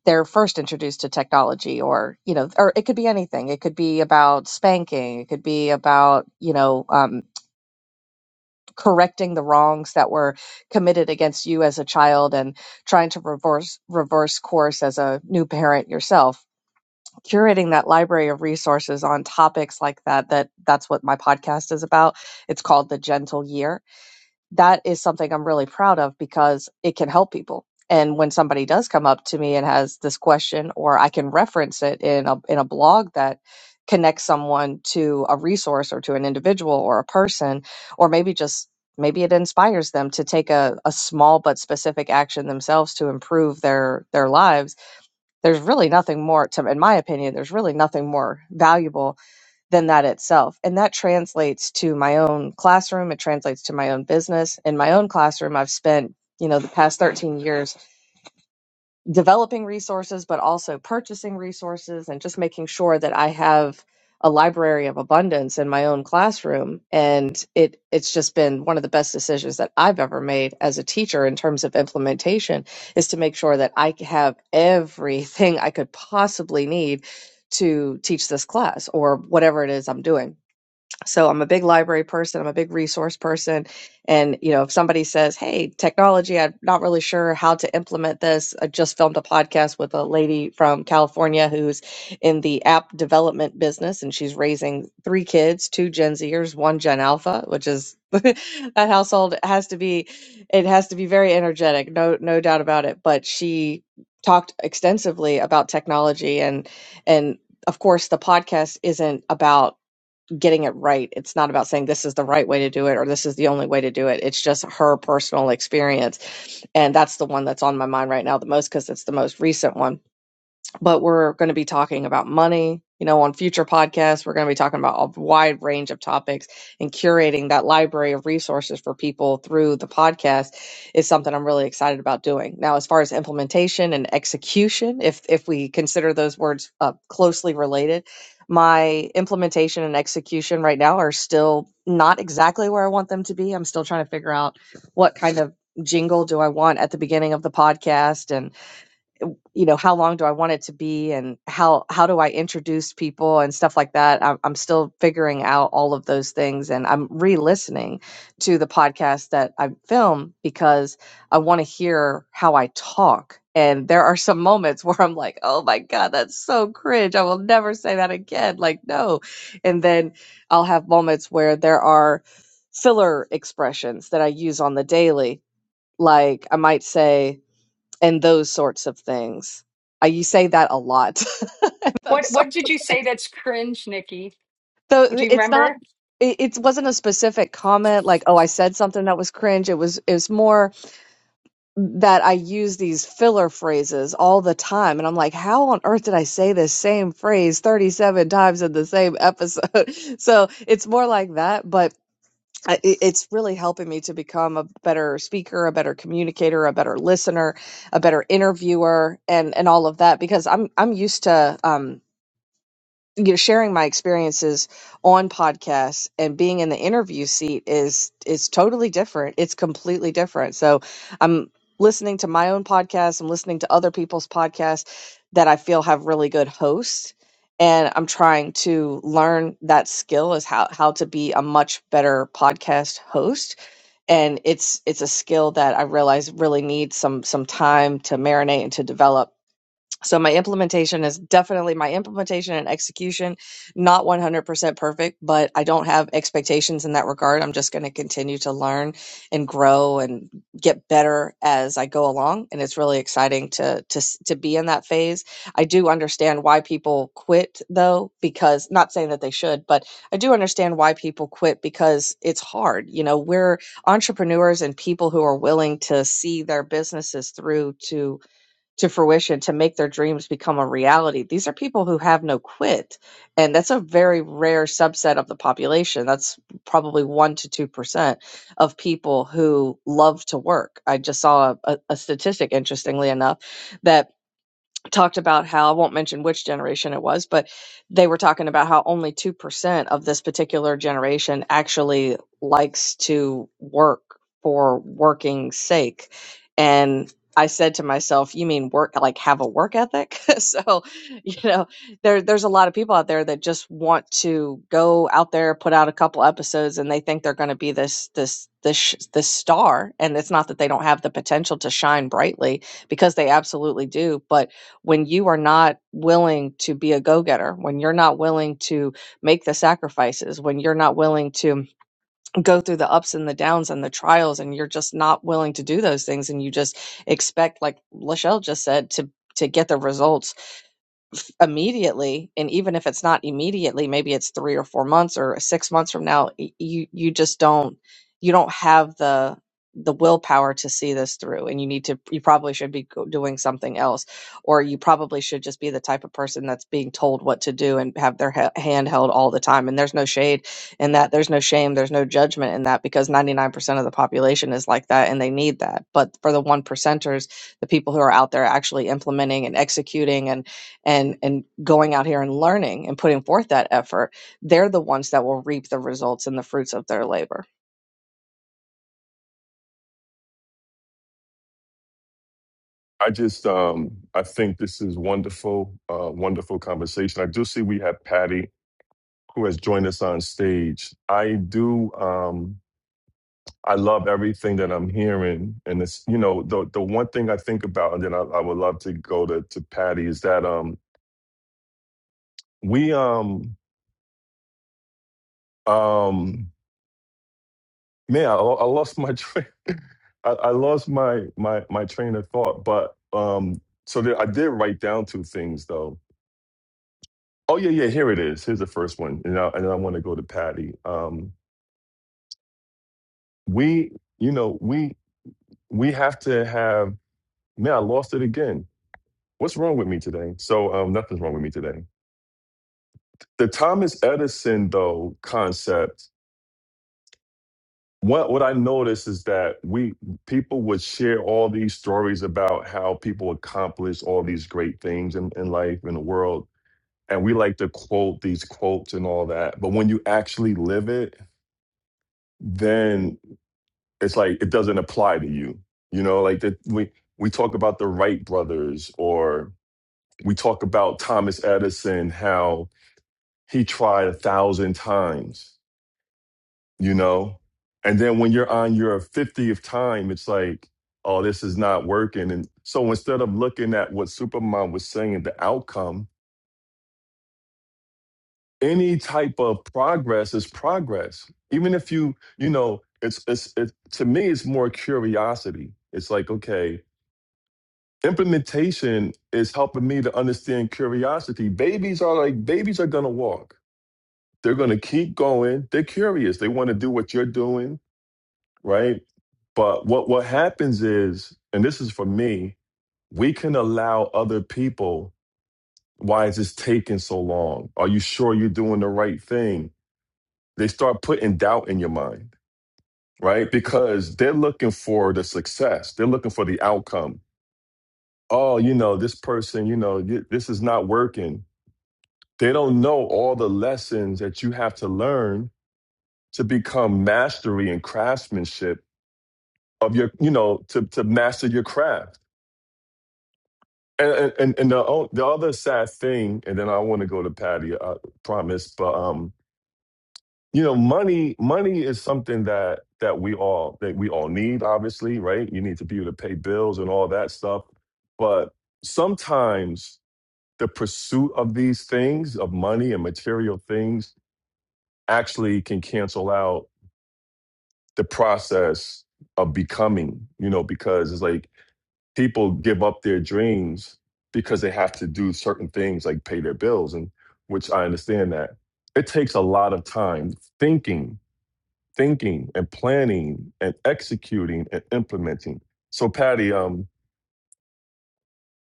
they're first introduced to technology? Or, you know, or it could be anything. It could be about spanking, it could be about, you know, um, correcting the wrongs that were committed against you as a child and trying to reverse reverse course as a new parent yourself curating that library of resources on topics like that that that's what my podcast is about it's called the gentle year that is something i'm really proud of because it can help people and when somebody does come up to me and has this question or i can reference it in a in a blog that connects someone to a resource or to an individual or a person or maybe just maybe it inspires them to take a, a small but specific action themselves to improve their their lives there's really nothing more to in my opinion there's really nothing more valuable than that itself and that translates to my own classroom it translates to my own business in my own classroom i've spent you know the past 13 years developing resources, but also purchasing resources and just making sure that I have a library of abundance in my own classroom. And it it's just been one of the best decisions that I've ever made as a teacher in terms of implementation is to make sure that I have everything I could possibly need to teach this class or whatever it is I'm doing so i'm a big library person i'm a big resource person and you know if somebody says hey technology i'm not really sure how to implement this i just filmed a podcast with a lady from california who's in the app development business and she's raising three kids two gen zers one gen alpha which is that household has to be it has to be very energetic no no doubt about it but she talked extensively about technology and and of course the podcast isn't about getting it right. It's not about saying this is the right way to do it or this is the only way to do it. It's just her personal experience. And that's the one that's on my mind right now the most because it's the most recent one but we're going to be talking about money. You know, on future podcasts, we're going to be talking about a wide range of topics and curating that library of resources for people through the podcast is something I'm really excited about doing. Now, as far as implementation and execution, if if we consider those words uh, closely related, my implementation and execution right now are still not exactly where I want them to be. I'm still trying to figure out what kind of jingle do I want at the beginning of the podcast and you know how long do i want it to be and how how do i introduce people and stuff like that i'm, I'm still figuring out all of those things and i'm re-listening to the podcast that i film because i want to hear how i talk and there are some moments where i'm like oh my god that's so cringe i will never say that again like no and then i'll have moments where there are filler expressions that i use on the daily like i might say and those sorts of things. Uh, you say that a lot. And those
what what
sorts
did
of
you say
things.
that's cringe nikki
So
would you
it's not.
remember
It, it wasn't a specific comment like, "Oh, I said something that was cringe." It was. It was more that I use these filler phrases all the time, and I'm like, "How on earth did I say this same phrase 37 times in the same episode?" so it's more like that, but I- it- it's really helping me to become a better speaker, a better communicator, a better listener, a better interviewer, and and all of that because I'm I'm used to. um you know sharing my experiences on podcasts and being in the interview seat is is totally different it's completely different so i'm listening to my own podcast i'm listening to other people's podcasts that i feel have really good hosts and i'm trying to learn that skill is how how to be a much better podcast host and it's it's a skill that i realize really needs some some time to marinate and to develop so my implementation is definitely my implementation and execution not 100% perfect but i don't have expectations in that regard i'm just going to continue to learn and grow and get better as i go along and it's really exciting to to s- to be in that phase i do understand why people quit though because not saying that they should but i do understand why people quit because it's hard you know we're entrepreneurs and people who are willing to see their businesses through to to fruition to make their dreams become a reality. These are people who have no quit. And that's a very rare subset of the population. That's probably 1 to 2% of people who love to work. I just saw a, a, statistic, interestingly enough, that talked about how I won't mention which generation it was, but they were talking about how only 2% of this particular generation actually likes to work for working sake. And I said to myself, you mean work like have a work ethic? so, you know, there there's a lot of people out there that just want to go out there, put out a couple episodes and they think they're going to be this this this sh- this star and it's not that they don't have the potential to shine brightly because they absolutely do, but when you are not willing to be a go-getter when you're not willing to make the sacrifices when you're not willing to go through the ups and the downs and the trials and you're just not willing to do those things and you just expect like lachelle just said to to get the results off immediately and even if it's not immediately maybe it's 3 or 4 months or 6 months from now y- you you just don't you don't have the the willpower to see this through and you need to you probably should be go- doing something else or you probably should just be the type of person that's being told what to do and have their ha- hand held all the time and there's no shade in that there's no shame there's no judgment in that because 99% of the population is like that and they need that but for the one percenters the people who are out there actually implementing and executing and and going out here and learning and putting forth that effort, they're the ones that will reap the results and the fruits of their labor.
I just um I think this is wonderful, uh wonderful conversation. I do see we have Patty who has joined us on stage. I do um I love everything that I'm hearing, and it's you know the the one thing I think about, and then I, I would love to go to to Patty is that um we um um man I, lo- I lost my train I, I lost my my my train of thought, but um so there, I did write down two things though. Oh yeah yeah here it is here's the first one, and I, and I want to go to Patty. Um we you know we we have to have man I lost it again. What's wrong with me today? So um nothing's wrong with me today the Thomas Edison though concept. What what I noticed is that we people would share all these stories about how people accomplish all these great things in, in life in the world. And we like to quote these quotes and all that. But when you actually live it, then it's like it doesn't apply to you. You know, like that we we talk about the Wright brothers or we talk about Thomas Edison, how he tried a thousand times you know? And then when you're on your 50th time, it's like, oh, this is not working. And so instead of looking at what Superman was saying, the outcome, any type of progress is progress. Even if you, you know, it's, it's, it, to me, it's more curiosity. It's like, okay, implementation is helping me to understand curiosity. Babies are like, babies are going to walk. They're going to keep going. They're curious. They want to do what you're doing right? But what what happens is, and this is for me, we can allow other people. Why is this taking so long? Are you sure you're doing the right thing? They start putting doubt in your mind, right? Because they're looking for the success. They're looking for the outcome. Oh, you know, this person, you know, y- this is not working. They don't know all the lessons that you have to learn to become mastery and craftsmanship of your, you know, to, to master your craft And and, and the o- the other sad thing, and then I want to go to Patty. I promise, but um, you know, money money is something that that we all that we all need. Obviously, right? You need to be able to pay bills and all that stuff. But sometimes the pursuit of these things, of money and material things, actually can cancel out the process of becoming. You know, because it's like people give up their dreams because they have to do certain things like pay their bills and which i understand that it takes a lot of time thinking thinking and planning and executing and implementing so patty um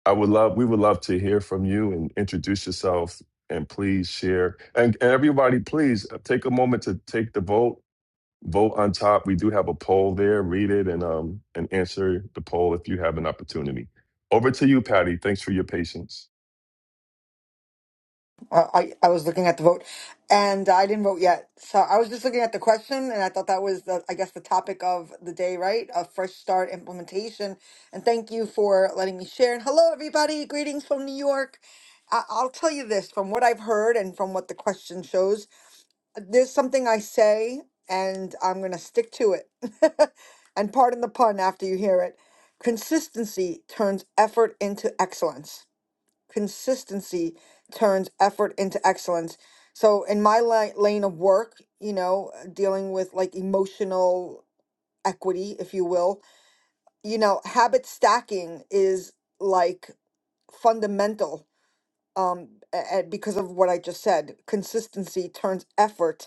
i would love we would love to hear from you and introduce yourself and please share and, and everybody please uh, take a moment to take the vote vote on top. We do have a poll there. Read it and um and answer the poll if you have an opportunity. Over to you, Patty. Thanks for your patience.
Uh, I, I was looking at the vote and I didn't vote yet. So I was just looking at the question and I thought that was the, I guess the topic of the day, right? A fresh start implementation. And thank you for letting me share. And hello, everybody. Greetings from New York. I, I'll tell you this from what I've heard and from what the question shows, there's something I say and I'm going to stick to it. and pardon the pun after you hear it. Consistency turns effort into excellence consistency turns effort into excellence. So in my la- lane of work, you know, uh, dealing with like emotional equity, if you will, you know, habit stacking is like fundamental um a- a- because of what I just said. Consistency turns effort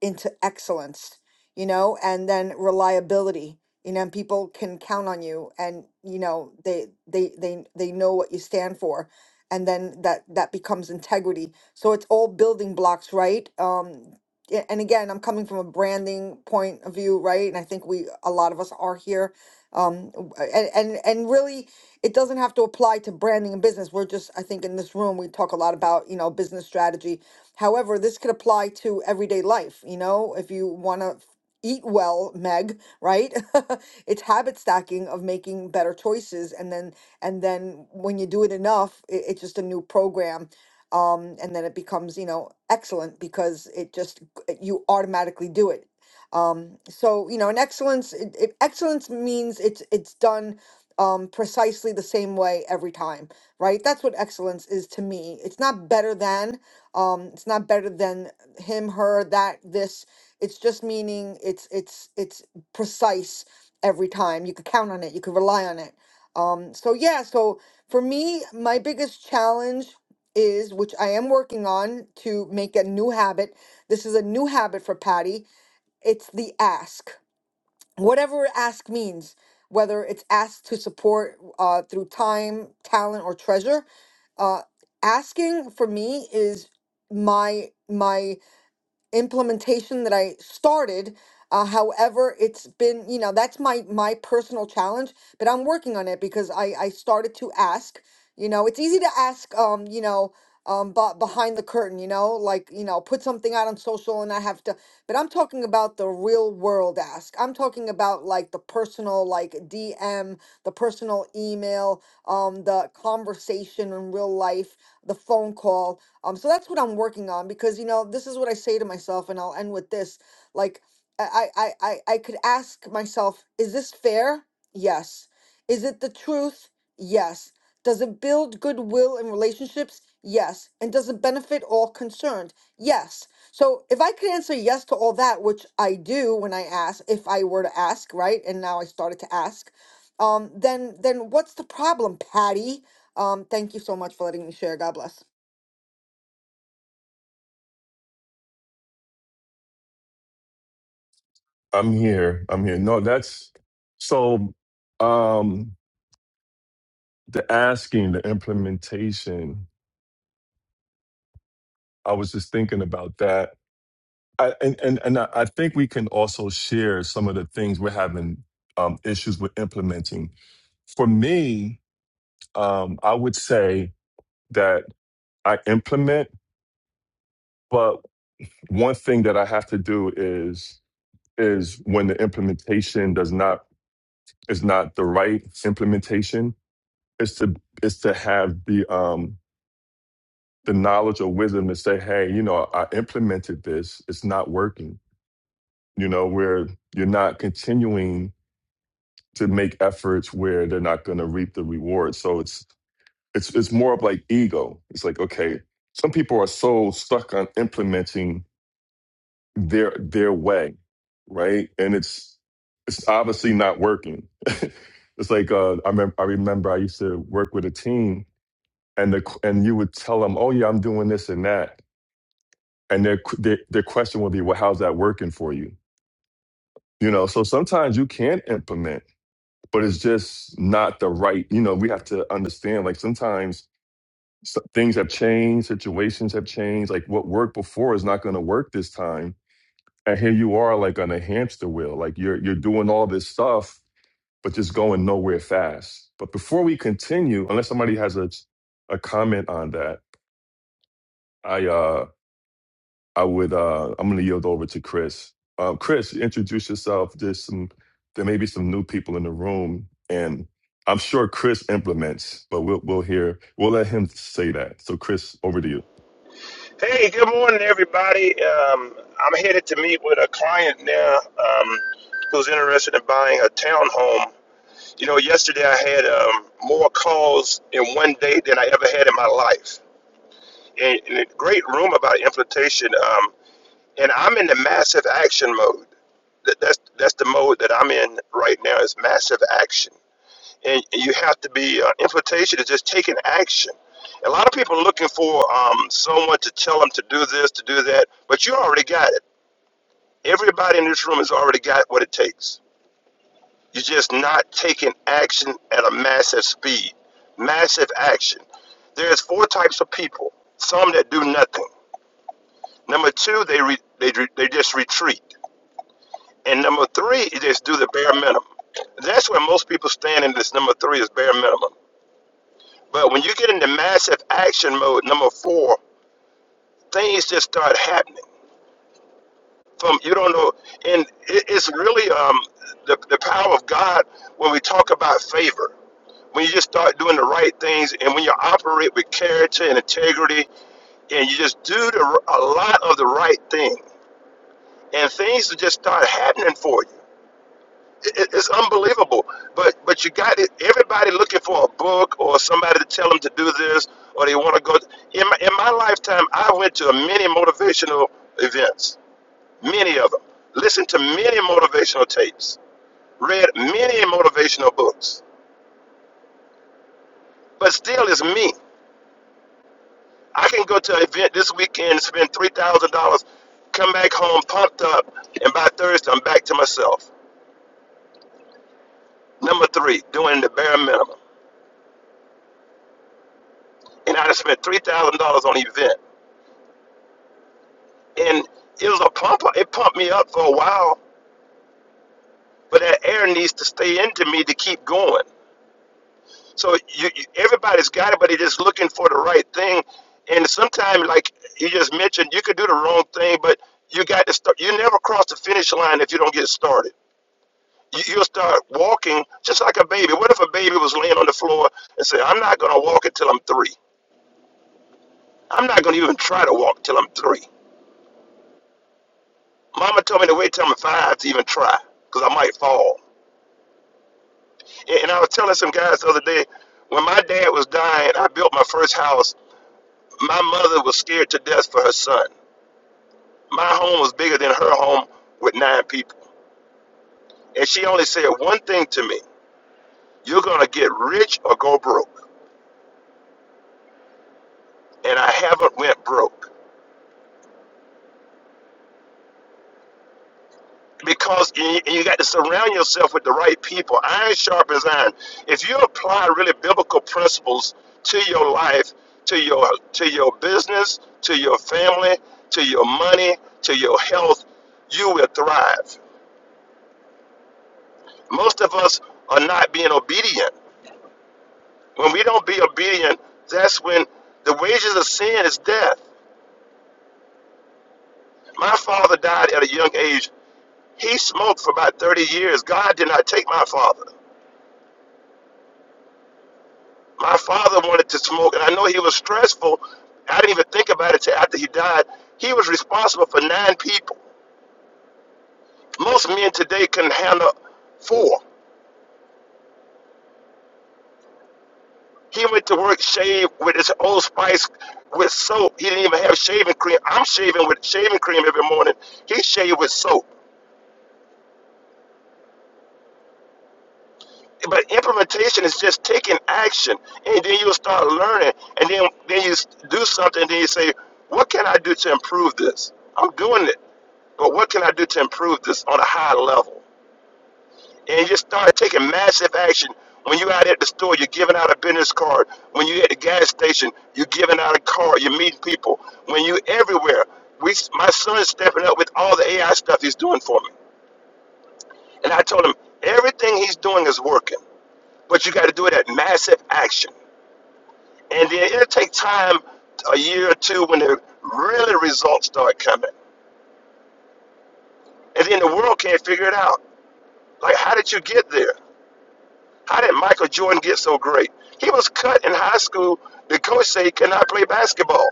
into excellence, you know, and then reliability, you know, and people can count on you and you know they they they they know what you stand for and then that that becomes integrity. So it's all building blocks, right? Um a- and again, I'm coming from a branding point of view, right? And I think we a lot of us are here. Um w- and and, and really it doesn't have to apply to branding and business. We're just I think in this room we talk a lot about, you know, business strategy However, this could apply to everyday life. You know, if you want to eat well, Meg, right? it's habit stacking of making better choices, and then and then when you do it enough, it, it's just a new program. Um, and then it becomes, you know, excellent because it just eh, you automatically do it. Um, so you know, and excellence it, it, excellence means it's it's done um, precisely the same way every time, right? That's what excellence is to me. It's not better than um it's not better than him her that this it's just meaning it's it's it's precise every time you could count on it you could rely on it um so yeah so for me my biggest challenge is which i am working on to make a new habit this is a new habit for patty it's the ask whatever ask means, whether it's asked to support uh, through time, talent, or treasure, uh, asking for me is my my implementation that I started. Uh, however, it's been, you know, that's my my personal challenge, but I'm working on it because I I started to ask. You know, it's easy to ask. Um, you know, um, but behind the curtain, you know, like you know, put something out on social and I have to. But I'm talking about the real world ask. I'm talking about like the personal, like DM, the personal email, um, the conversation in real life, the phone call um, so that's what I'm working on because you know this is what I say to myself, and I'll end with this. Like I I I I I could ask myself, is this fair? Yes. Is it the truth? Yes. Does it build goodwill in relationships? Yes. And does it benefit all concerned? Yes. So if I could answer yes to all that, which I do when I ask, if I were to ask, right? And now I started to ask, um, then then what's the problem, Patty? Um, thank you so much for letting me share. God bless.
I'm here. I'm here. No, that's so um the asking, the implementation. I was just thinking about that. I, and and, and I I think we can also share some of the things we're having um, issues with implementing. For me, um, I would say that I implement but. one thing that I have to do is is when the implementation does not is not the right implementation is to is to have the um the knowledge or wisdom to say hey you know I implemented this it's not working you know where you're not continuing to make efforts where they're not going to reap the reward so it's it's it's more of like ego it's like okay some people are so stuck on implementing their their way, right? And it's it's obviously not working. it's like uh, I remember I remember I used to work with a team, and the and you would tell them, "Oh yeah, I'm doing this and that," and their their, their question would be, "Well, how's that working for you?" You know, so sometimes you can implement, but it's just not the right. You know, we have to understand. Like sometimes s- things have changed, situations have changed. Like what worked before is not going to work this time and here you are like on a hamster wheel like you're you're doing all this stuff but just going nowhere fast but before we continue unless somebody has a a comment on that i uh i would uh i'm gonna yield over to chris uh, chris introduce yourself there's some there may be some new people in the room and i'm sure chris implements but we'll we'll hear we'll let him say that so chris over to you
Hey, good morning, everybody. Um, I'm headed to meet with a client now um, who's interested in buying a townhome. You know, yesterday I had um, more calls in one day than I ever had in my life. And, and a great room about implementation. Um, and I'm in the massive action mode. That, that's that's the mode that I'm in right now is massive action and you have to be uh, invitation is just taking action. A lot of people are looking for um, someone to tell them to do this, to do that, but you already got it. Everybody in this room has already got what it takes. You're just not taking action at a massive speed, massive action. There's four types of people: some that do nothing. Number two, they re- they they just retreat, and number three, they just do the bare minimum. That's where most people stand in this number three is bare minimum. But when you get into massive action mode, number four, things just start happening. From you don't know, and it, it's really um, the the power of God when we talk about favor. When you just start doing the right things, and when you operate with character and integrity, and you just do the, a lot of the right thing, and things will just start happening for you. It- It's unbelievable. But but you got it. Everybody looking for a book or somebody to tell them to do this, or they want to go. In my, in my lifetime, I went to many motivational events, many of them. Listened to many motivational tapes, read many motivational books. But still, it's me. I can go to an event this weekend, spend three thousand dollars, come back home pumped up, and by Thursday I'm back to myself. Number three, doing the bare minimum, and I just spent three thousand dollars on an event. and it was a pump. It pumped me up for a while, but that air needs to stay into me to keep going. So you, you everybody's got it, but they're just looking for the right thing. And sometimes, like you just mentioned, you could do the wrong thing, but you got to start. You never cross the finish line if you don't get started. You, you'll start walking just like a baby. What if a baby was laying on the floor and said, "I'm not going to walk until I'm three. I'm not going to even try to walk till I'm three. Mama told me to wait till I'm five to even try, because I might fall." And I was telling some guys the other day, when my dad was dying, I built my first house. My mother was scared to death for her son. My home was bigger than her home with nine people. And she only said one thing to me, you're going to get rich or go broke. And I haven't went broke. because you, you got to surround yourself with the right people. Iron sharpens iron. If you apply really biblical principles to your life, to your to your business, to your family, to your money, to your health, you will thrive. Most of us are not being obedient. When we don't be obedient, that's when the wages of sin is death. My father died at a young age. He smoked for about 30 years. God did not take my father. my father wanted to smoke, and I know he was stressful. I didn't even think about it till after he died. He was responsible for nine people. Most men today can handle four. He went to work shaved with his old spice with soap. He didn't even have shaving cream. I'm shaving with shaving cream every morning. He shaved with soap. But implementation is just taking action, and then you'll start learning, and then then you do something, and then you say, "What can I do to improve this?" I'm doing it. But what can I do to improve this on a high level? And you just start taking massive action. When you're out at the store, you're giving out a business card. When you're at the gas station, you're giving out a card. You're meeting people. When you're everywhere, we, my son is stepping up with all the AI stuff he's doing for me. And I told him everything he's doing is working, but you got to do it at massive action. And then it'll take time, a year or two, when the really results start coming. And then the world can't figure it out. Like, how did you get there? How did Michael Jordan get so great? He was cut in high school. The coach said he cannot play basketball.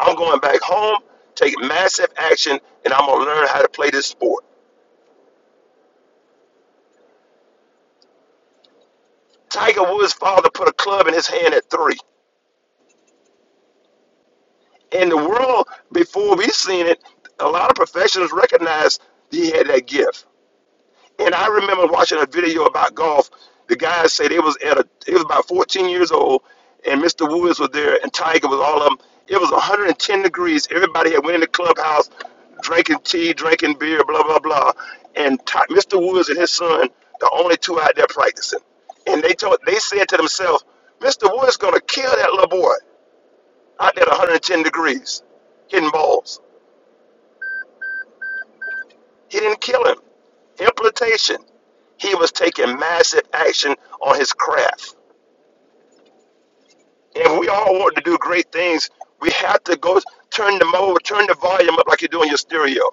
I'm going back home, take massive action, and I'm going to learn how to play this sport. Tiger Woods' father put a club in his hand at three. In the world, before we seen it, a lot of professionals recognized he had that gift. And I remember watching a video about golf. The guys say they was at a he was about 14 years old, and Mr. Woods was there, and Tiger was all of them. It was 110 degrees. Everybody had went in the clubhouse, drinking tea, drinking beer, blah blah blah. And Ti- Mr. Woods and his son, the only two out there practicing. And they told they said to themselves, Mr. Woods gonna kill that little boy out there at 110 degrees, hitting balls. He didn't kill him. Implication. He was taking massive action on his craft. And we all want to do great things, we have to go turn the mode, turn the volume up like you do in your stereo.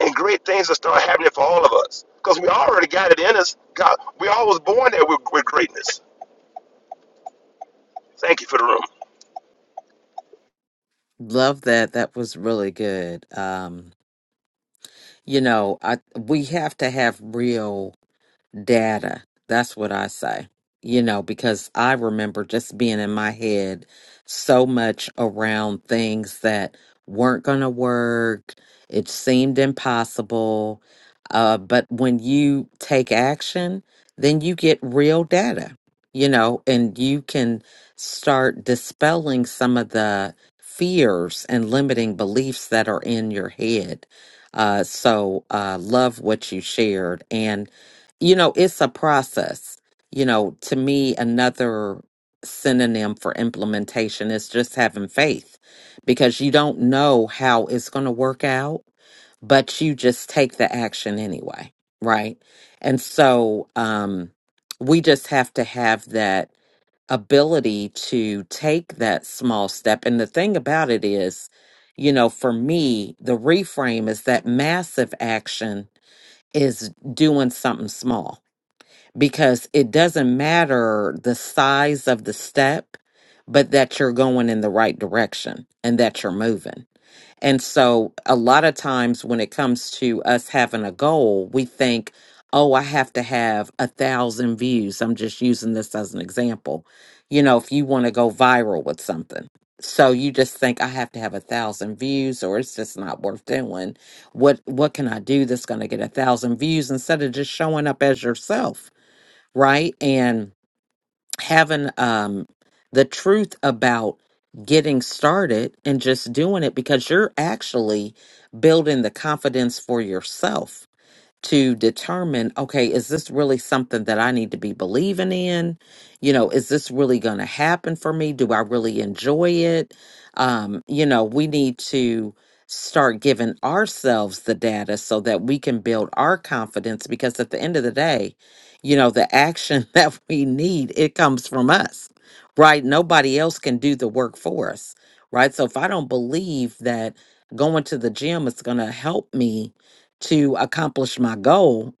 And great things will start happening for all of us. Because we already got it in us. God, we all was born there with, with greatness. Thank you for the room.
Love that. That was really good. Um, you know, I we have to have real data. That's what I say. You know, because I remember just being in my head so much around things that weren't going to work. It seemed impossible. Uh, but when you take action, then you get real data, you know, and you can start dispelling some of the fears and limiting beliefs that are in your head. Uh, so, uh, love what you shared. And you know, it's a process. You know, to me, another synonym for implementation is just having faith because you don't know how it's going to work out, but you just take the action anyway, right? And so um, we just have to have that ability to take that small step. And the thing about it is, you know, for me, the reframe is that massive action is doing something small because it doesn't matter the size of the step, but that you're going in the right direction and that you're moving. And so, a lot of times when it comes to us having a goal, we think, oh, I have to have a thousand views. I'm just using this as an example. You know, if you want to go viral with something. So you just think I have to have a thousand views, or it's just not worth doing. What what can I do that's going to get a thousand views instead of just showing up as yourself? right? And having um the truth about getting started and just doing it because you're actually building the confidence for yourself to determine okay is this really something that i need to be believing in you know is this really going to happen for me do i really enjoy it um you know we need to start giving ourselves the data so that we can build our confidence because at the end of the day you know the action that we need it comes from us right nobody else can do the work for us right so if i don't believe that going to the gym is going to help me to accomplish my goal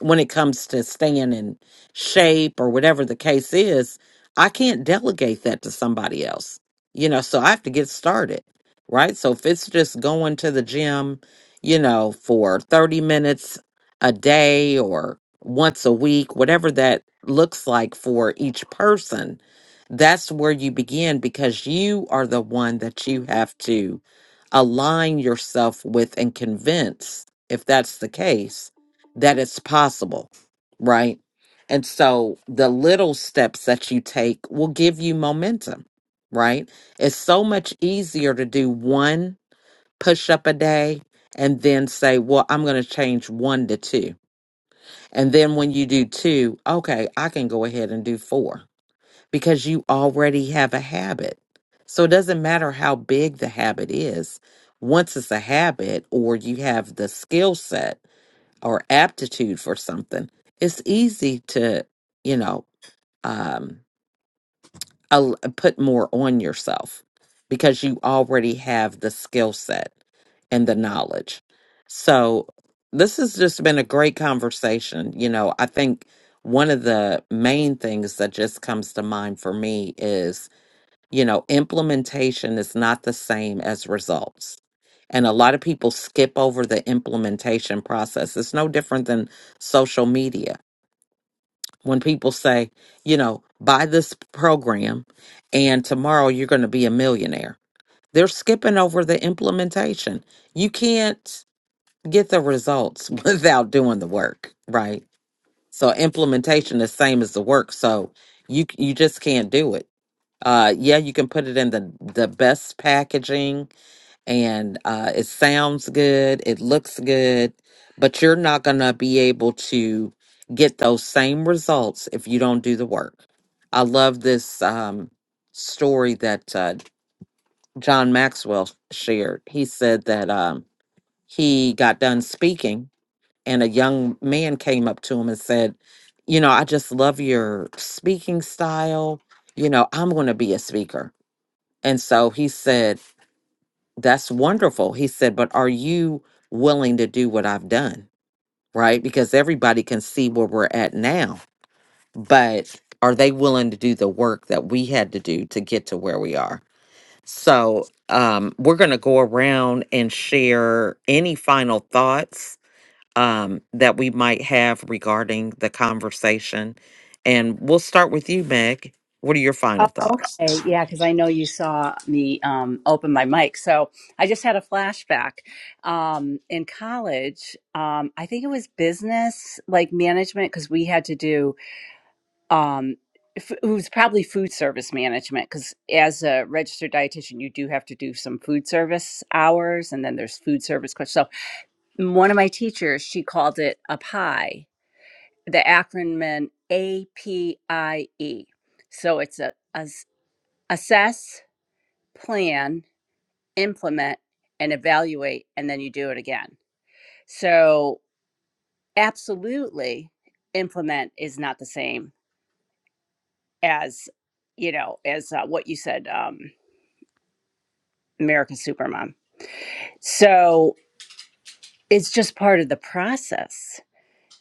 when it comes to staying in shape or whatever the case is, I can't delegate that to somebody else. You know, so I have to get started, right? So if it's just going to the gym, you know, for 30 minutes a day or once a week, whatever that looks like for each person, that's where you begin because you are the one that you have to align yourself with and convince, if that's the case that it's possible, right? And so the little steps that you take will give you momentum, right? It's so much easier to do one push up a day and then say, well, I'm going to change one to two. And then when you do two, okay, I can go ahead and do four because you already have a habit. So it doesn't matter how big the habit is. Once it's a habit or you have the skill set, or aptitude for something, it's easy to, you know, um, al- put more on yourself because you already have the skill set and the knowledge. So, this has just been a great conversation. You know, I think one of the main things that just comes to mind for me is. You know, implementation is not the same as results. And a lot of people skip over the implementation process. It's no different than social media. When people say, you know, buy this program and tomorrow you're going to be a millionaire, they're skipping over the implementation. You can't get the results without doing the work, right? So implementation is same as the work. So you you just can't do it uh yeah you can put it in the the best packaging and uh it sounds good it looks good but you're not gonna be able to get those same results if you don't do the work i love this um story that uh john maxwell shared he said that um he got done speaking and a young man came up to him and said you know i just love your speaking style you know i'm gonna be a speaker and so he said, That's wonderful. He said, But are you willing to do what I've done? Right? Because everybody can see where we're at now. But are they willing to do the work that we had to do to get to where we are? So um, we're going to go around and share any final thoughts um, that we might have regarding the conversation. And we'll start with you, Meg. What are your final
Oh,
thoughts?
okay. Yeah, because I know you saw me um, open my mic. So I just had a flashback. Um, in college, um, I think it was business, like management, because we had to do, um, f- it was probably food service management, because as a registered dietitian, you do have to do some food service hours, and then there's food service questions. So one of my teachers, she called it a pie, the acronym APIE. So it's a, a assess plan, implement, and evaluate, and then you do it again. So, absolutely, implement is not the same as, you know, as uh, what you said, um, America's Supermom. So, it's just part of the process.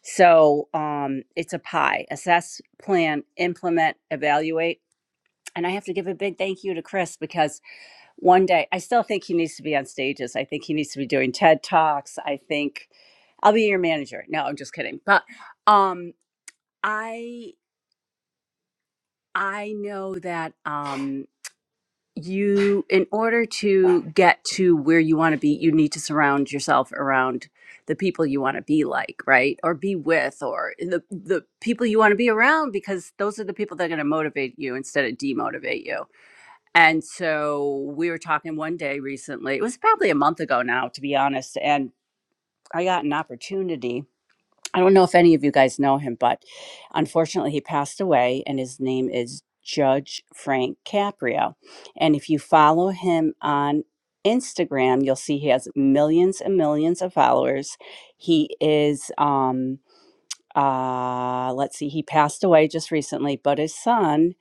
So, um, it's a pie assess, plan, implement, evaluate. And I have to give a big thank you to Chris because one day i still think he needs to be on stages i think he needs to be doing ted talks i think i'll be your manager no i'm just kidding but um i i know that um you in order to get to where you want to be you need to surround yourself around the people you want to be like right or be with or the the people you want to be around because those are the people that are going to motivate you instead of demotivate you And so we were talking one day recently. It was probably a month ago now, to be honest. And I got an opportunity. I don't know if any of you guys know him, but unfortunately, he passed away, and his name is Judge Frank Caprio. And if you follow him on Instagram, you'll see he has millions and millions of followers. He is, um, uh, let's see, he passed away just recently, but his son,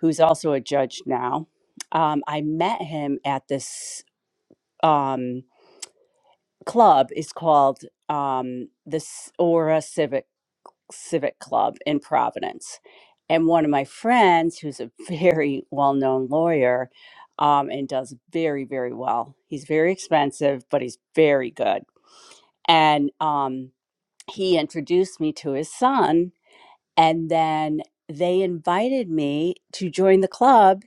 who's also a judge now, um, I met him at this um, club. It's called um, the S- Aura Civic Civic Club in Providence, and one of my friends, who's a very well-known lawyer. Um, and does very very well. He's very expensive, but he's very good. And um, he introduced me to his son, And then they invited me to join the club.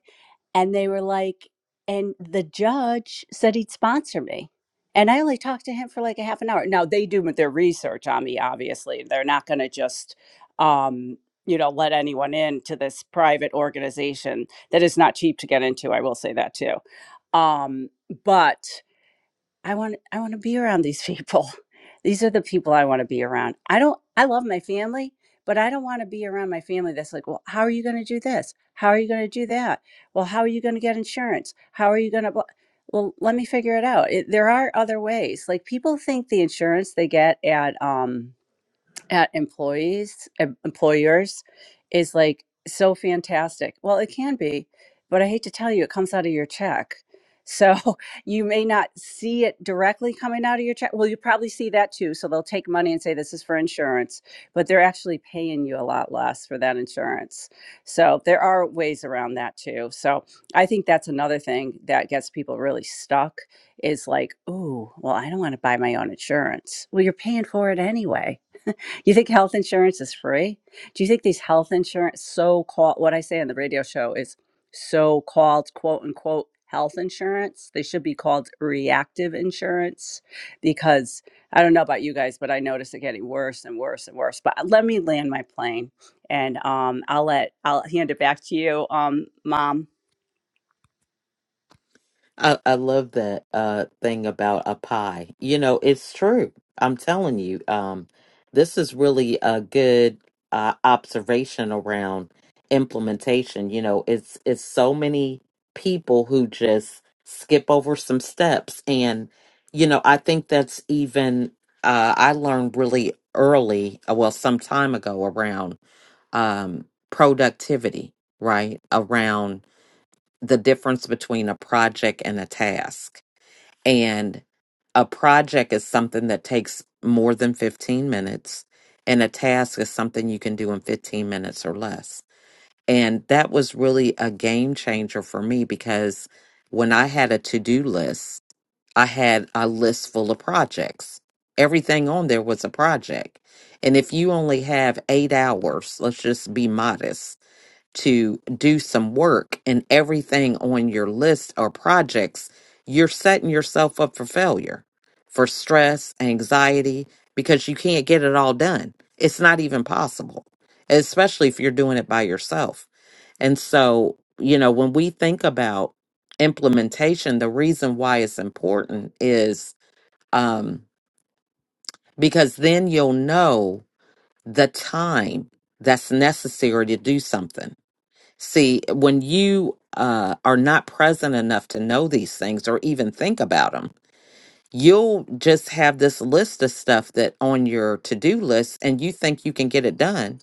And they were like, and the judge said he'd sponsor me. And I only talked to him for like a half an hour. Now they do their research on me, obviously. They're not going to just, um, you know, let anyone in to this private organization that is not cheap to get into. I will say that too. Um, but I want I want to be around these people. These are the people I want to be around. I don't I love my family, but I don't want to be around my family that's like, "Well, how are you going to do this? How are you going to do that? Well, how are you going to get insurance? How are you going to blah-" Well, let me figure it out. It, there are other ways. Like people think the insurance they get at um at employees em- employers is like so fantastic well it can be but i hate to tell you it comes out of your check so you may not see it directly coming out of your check well you probably see that too so they'll take money and say this is for insurance but they're actually paying you a lot less for that insurance so there are ways around that too so i think that's another thing that gets people really stuck is like oh well i don't want to buy my own insurance well you're paying for it anyway do you think health insurance is free? Do you think these health insurance so called what I say on the radio show is so called quote unquote health insurance? They should be called reactive insurance because I don't know about you guys, but I notice it getting worse and worse and worse. But uh, let me land my plane and um I'll let I'll hand it back to you, um, mom.
I, I love that uh thing about a pie. You know, it's true. I'm telling you, um, this is really a good uh, observation around implementation. You know, it's it's so many people who just skip over some steps, and you know, I think that's even uh, I learned really early, uh, well, some time ago around um productivity, right? Around the difference between a project and a task. And a project is something that takes more than 15 minutes, and a task is something you can do in 15 minutes or less. And that was really a game changer for me because when I had a to do list, I had a list full of projects. Everything on there was a project. And if you only have eight hours, let's just be modest to do some work and everything on your list or projects, you're setting yourself up for failure, for stress, anxiety, because you can't get it all done. It's not even possible, especially if you're doing it by yourself. And so, you know, when we think about implementation, the reason why it's important is um, because then you'll know the time that's necessary to do something See, when you uh, are not present enough to know these things or even think about them, you'll just have this list of stuff that on your to do list and you think you can get it done.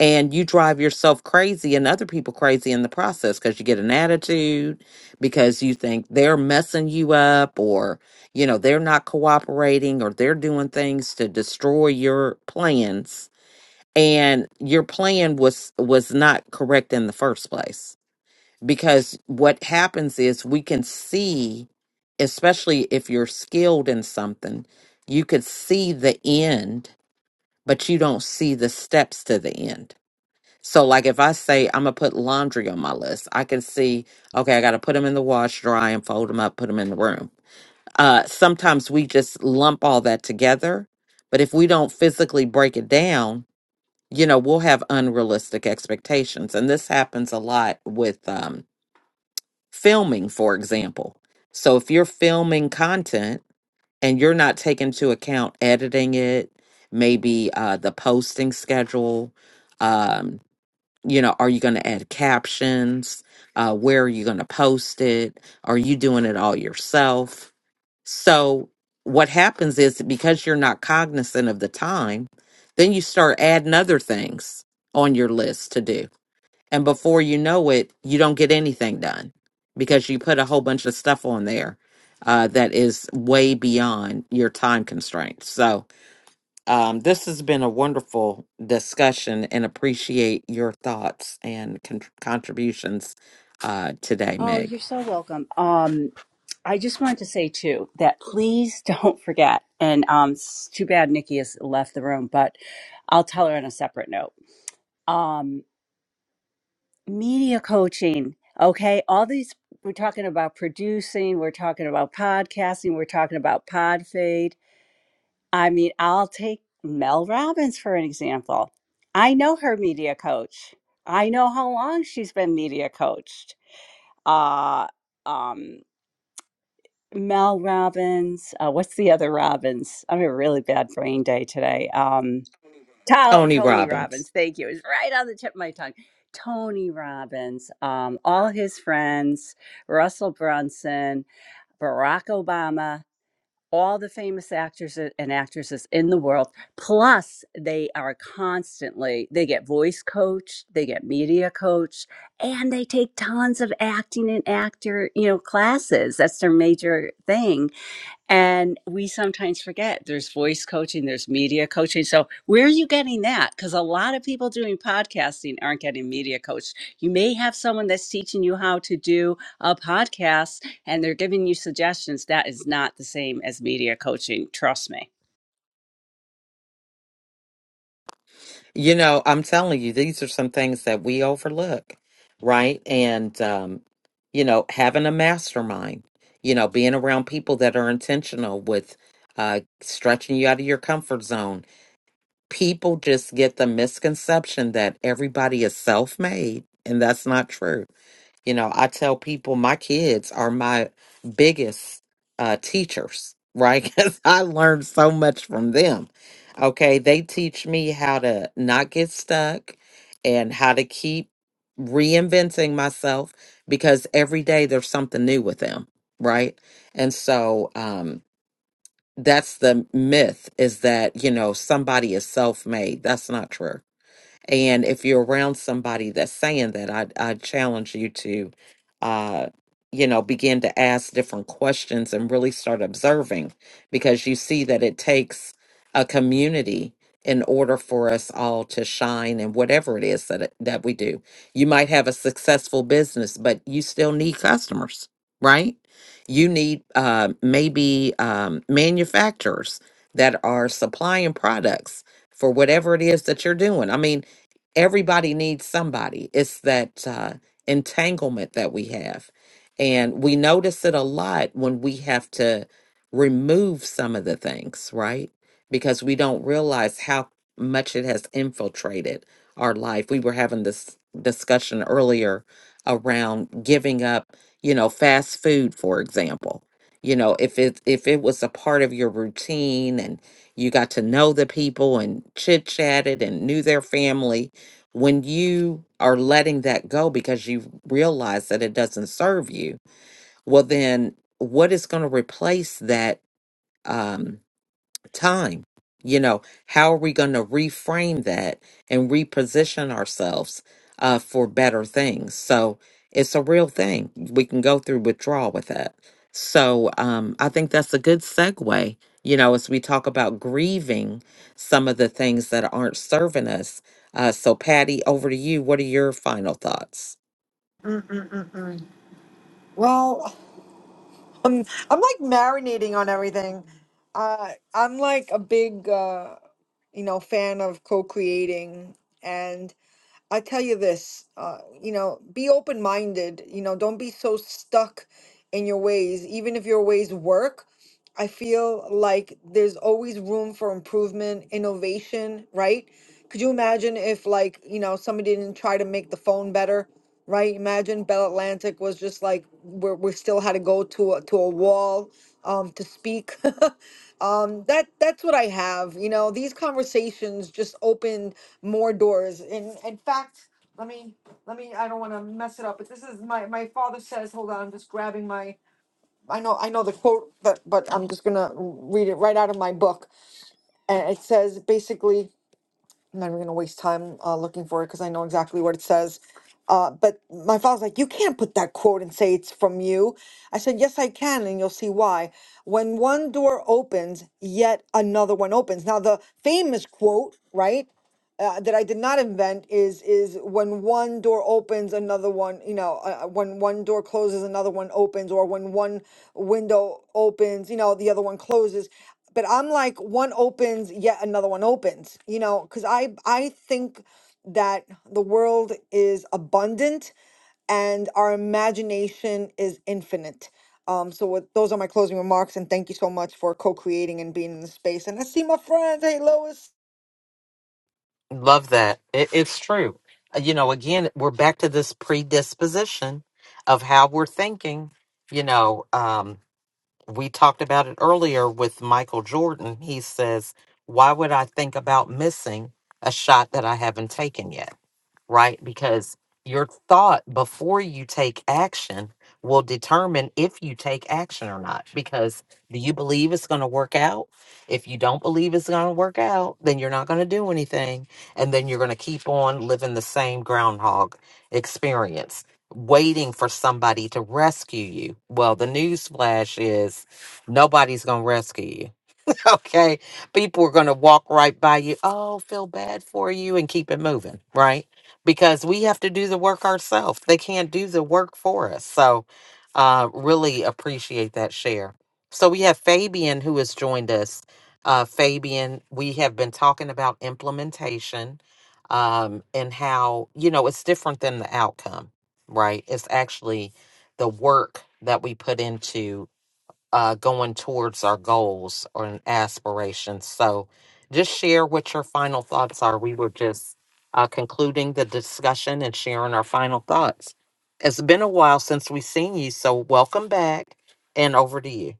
And you drive yourself crazy and other people crazy in the process because you get an attitude, because you think they're messing you up or, you know, they're not cooperating or they're doing things to destroy your plans. And your plan was was not correct in the first place because what happens is we can see especially if you're skilled in something you could see the end but you don't see the steps to the end so like if i say i'm gonna put laundry on my list i can see okay i gotta put them in the wash dry and fold them up put them in the room uh sometimes we just lump all that together but if we don't physically break it down you know we'll have unrealistic expectations and this happens a lot with um filming, for example. So if you're filming content and you're not taking into account editing it, maybe uh, the posting schedule, um, you know, are you going to add captions? Uh, where are you going to post it? Are you doing it all yourself? So what happens is that because you're not cognizant of the time, then you start adding other things on your list to do and before you know it, you don't get anything done because you put a whole bunch of stuff on there uh, that is way beyond your time constraints. So, um, this has been a wonderful discussion and appreciate your thoughts and con- contributions uh, today,
Oh,
Meg.
you're so welcome. Um I just wanted to say too that please don't forget. And um, it's too bad Nikki has left the room, but I'll tell her on a separate note. Um, media coaching, okay? All these we're talking about producing, we're talking about podcasting, we're talking about Podfade. I mean, I'll take Mel Robbins for an example. I know her media coach. I know how long she's been media coached. Uh, um, Mel Robbins. Uh, what's the other Robbins? I'm having a really bad brain day today. Um, To-
Tony
Tony
Robbins.
Robbins. Thank you. It's right on the tip of my tongue. Tony Robbins, um, all his friends, Russell Brunson, Barack Obama, all the famous actors a- and actresses in the world. Plus, they are constantly, they get voice coached, they get media coached, and they take tons of acting and actor, you know, classes. That's their major thing and we sometimes forget there's voice coaching, there's media coaching. So, where are you getting that? Because a lot of people doing podcasting aren't getting media coached. You may have someone that's teaching you how to do a podcast and they're giving you suggestions. That is not the same as media coaching. Trust me.
You know, I'm telling you, these are some things that we overlook, right? And, um, you know, having a mastermind, you know, being around people that are intentional with uh, stretching you out of your comfort zone. People just get the misconception that everybody is self made, and that's not true you know, I tell people my kids are my biggest uh, teachers, right? Because I learned so much from them. Okay. They teach me how to not get stuck and how to keep reinventing myself because every day there's something new with them, right? And so, um, that's the myth is that, you know, somebody is self made. That's not true and if you're around somebody that's saying that, I I challenge you to, uh, you know, begin to ask different questions and really start observing, because you see that it takes a community in order for us all to shine in whatever it is that it- that we do. You might have a successful business, but you still need customers, right? You need uh, maybe um, manufacturers that are supplying products for whatever it is that you're doing. I mean, everybody needs somebody. It's that uh, entanglement that we have. And we notice it a lot when we have to remove some of the things, right? Because we don't realize how much it has infiltrated our life. We were having this discussion earlier around giving up, you know, fast food, for example. You know, if it if it was a part of your routine and you got to know the people and chit chatted and knew their family, when you are letting that go because you realize that it doesn't serve you well then what is going to replace that um time. You know, how are we going to reframe that and reposition ourselves uh, for better things? So it's a real thing. We can go through withdrawal with that. So um, I think that's a good segue. You know, as we talk about grieving some of the things that aren't serving us. Uh, so, Patty, over to you. What are your final thoughts?
Mm-mm-mm-mm. Well, I'm, I'm like marinating on everything. Uh, I'm like a big, uh, you know, fan of co-creating, I tell you this, uh, you know, be open minded. You know, don't be so stuck in your ways, even if your ways work. I feel like there's always room for improvement, innovation, right? Could you imagine if, like, you know, somebody didn't try to make the phone better, right? Imagine Bell Atlantic was just like, we're, we still had to go to a, to a wall um, to speak. um that that's what i have you know these conversations just open more doors in in fact let me let me i don't want to mess it up but this is my my father says hold on i'm just grabbing my i know i know the quote but but i'm just gonna read it right out of my book and it says basically I'm not even going to waste time uh, looking for it because I know exactly what it says. Uh, but my father's like, you can't put that quote and say it's from you. I said, yes, I can, and you'll see why. When one door opens, yet another one opens. Now, the famous quote, right? uh, that I did not invent is is when one door opens, another one, you know, uh, uh, when one door closes, another one opens, or when one window opens, you know, the other one closes. But I'm like, one opens, yet another one opens, you know, because I I think that the world is abundant and our imagination is infinite. Um, so with, those are my closing remarks, and thank you so much for co-creating and being in the space. And I see my friends. Hey, Lois.
Love that. It, it's true. Uh, You know, again, we're back to this predisposition of how we're thinking. You know, um, we talked about it earlier with Michael Jordan. He says, Why would I think about missing a shot that I haven't taken yet? right? Because your thought before you take action will determine if you take action or not. Because do you believe it's going to work out? If you don't believe it's going to work out, then you're not going to do anything. And then you're going to keep on living the same groundhog experience, waiting for somebody to rescue you. Well, the news flash is nobody's going to rescue you okay people are going to walk right by you oh feel bad for you and keep it moving right because we have to do the work ourselves they can't do the work for us so uh really appreciate that share so we have fabian who has joined us uh fabian we have been talking about implementation um and how you know it's different than the outcome right it's actually the work that we put into uh, going towards our goals or aspirations. So, just share what your final thoughts are. We were just uh, concluding the discussion and sharing our final thoughts. It's been a while since we've seen you, so welcome back and over to you.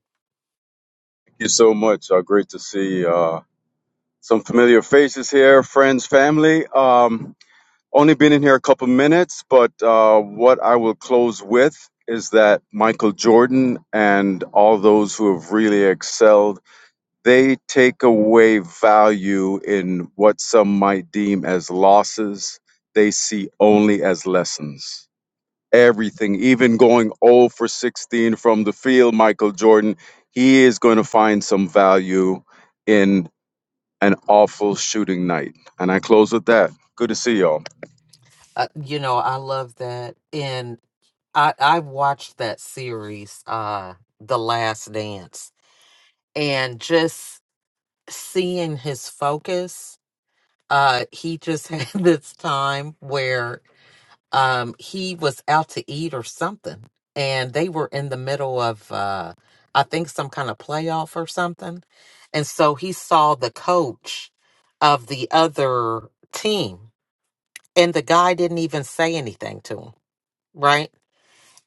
you so much. Uh, great to see uh, some familiar faces here, friends, family. Um, only been in here a couple minutes, but uh, what I will close with is that Michael Jordan and all those who have really excelled, they take away value in what some might deem as losses. They see only as lessons everything, even going 0 for 16 from the field, Michael Jordan, he is going to find some value in an awful shooting night. And I close with that. Good to see y'all.
Uh, you know, I love that, and I I watched that series, uh, The Last Dance, and just seeing his focus. Uh, he just had this time where um he was out to eat or something and they were in the middle of uh i think some kind of playoff or something and so he saw the coach of the other team and the guy didn't even say anything to him right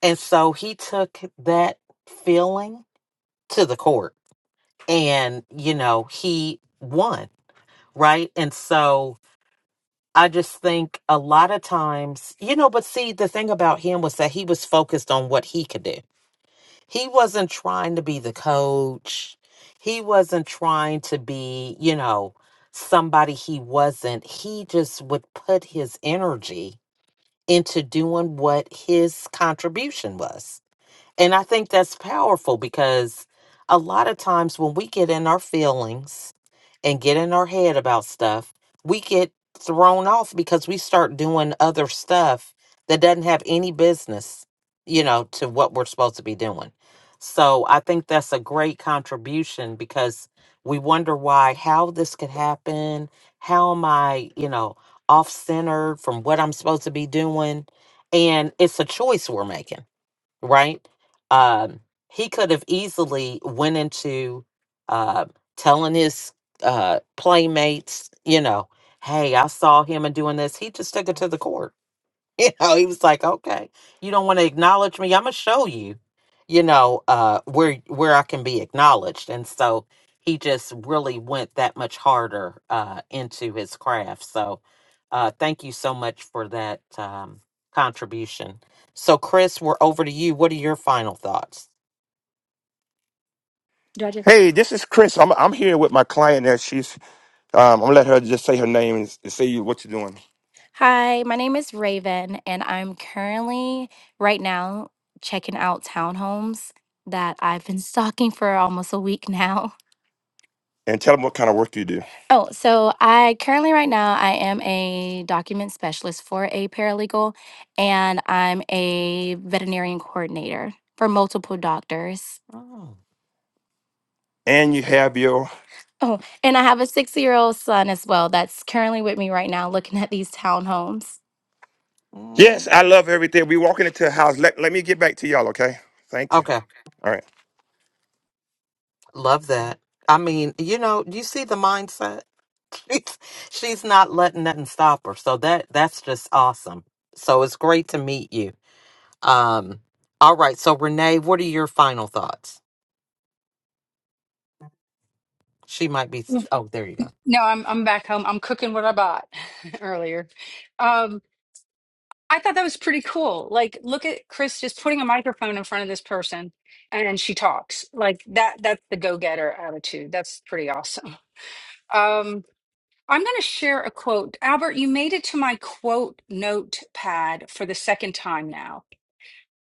and so he took that feeling to the court and you know he won right and so I just think a lot of times, you know, but see, the thing about him was that he was focused on what he could do. He wasn't trying to be the coach. He wasn't trying to be, you know, somebody he wasn't. He just would put his energy into doing what his contribution was. And I think that's powerful because a lot of times when we get in our feelings and get in our head about stuff, we get thrown off because we start doing other stuff that doesn't have any business, you know, to what we're supposed to be doing. So I think that's a great contribution because we wonder why, how this could happen. How am I, you know, off centered from what I'm supposed to be doing? And it's a choice we're making right? Um, he could have easily went into uh, telling his uh, playmates, you know, hey, I saw him and doing this. He just took it to the court. You know, he was like, okay, you don't want to acknowledge me. I'm gonna show you, you know, uh, where where I can be acknowledged. And so he just really went that much harder uh, into his craft. So uh, thank you so much for that um, contribution so, Chris, we're over to you. What are your final thoughts?
I just Hey, this is Chris. I'm I'm here with my client. That she's um, I'm gonna let her just say her name and say you what you're doing. Hi, my name is Raven, and I'm currently right now checking out townhomes that I've been stalking for almost a week now. And tell them what kind of work you do. Oh, so I currently right now I am a document specialist for a paralegal, and I'm a veterinarian coordinator for multiple doctors.
Oh,
And you have your Oh, and I have a six-year-old son as well that's currently with me right now looking at these townhomes. Yes,
mm.
I love everything. We walking into the house. Let, let me get back to y'all, okay? Thank you.
okay.
All right.
Love that. I mean, you know, you see the mindset. She's she's not letting nothing stop her. So that that's just awesome. So it's great to meet you. Um, all right. So Renee, what are your final thoughts? She might be. Oh, there you go.
no i'm i'm back home i'm cooking what i bought earlier um i thought that was pretty cool like look at chris just putting a microphone in front of this person and she talks like that that's the go-getter attitude that's pretty awesome Um, I'm going to share a quote. Albert, you made it to my quote notepad for the second time now.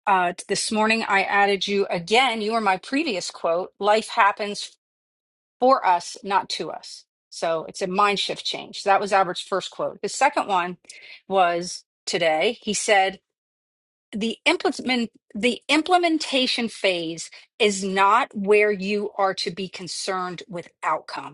Uh, this morning, I added you again. You were my previous quote life happens for us, not to us. So it's a mind shift change. That was Albert's first quote. His second one was today. He said, the implement the implementation phase is not where you are to be concerned with outcome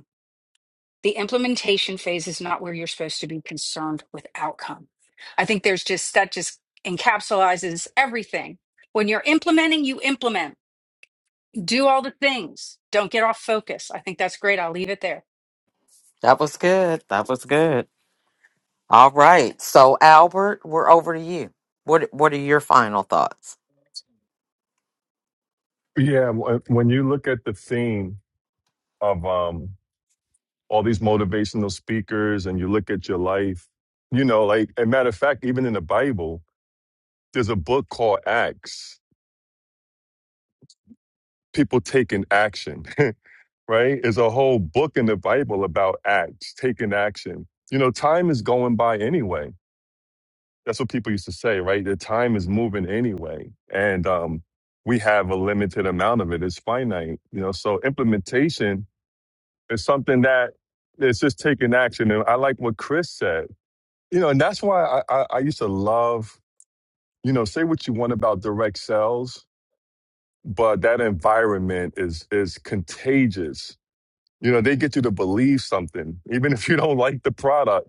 the implementation phase is not where you're supposed to be concerned with outcome. I think there's just that just encapsulizes everything. When you're implementing, you implement, do all the things, don't get off focus. I think that's great. I'll leave it there.
That was good. That was good. All right. So Albert, we're over to you. What what are your final thoughts?
yeah wh- when you look at the theme of um all these motivational speakers and you look at your life, you know, like a matter of fact, even in the Bible, there's a book called Acts, people taking action, right? There's a whole book in the Bible about Acts, taking action. You know, time is going by anyway. That's what people used to say, right? The time is moving anyway. And um, we have a limited amount of it. It's finite, you know. So implementation is something that it's just taking action. And I like what Chris said you know, and that's why I, I, I used to love, you know, say what you want about direct sales, but that environment is is contagious. You know, they get you to believe something, even if you don't like the product.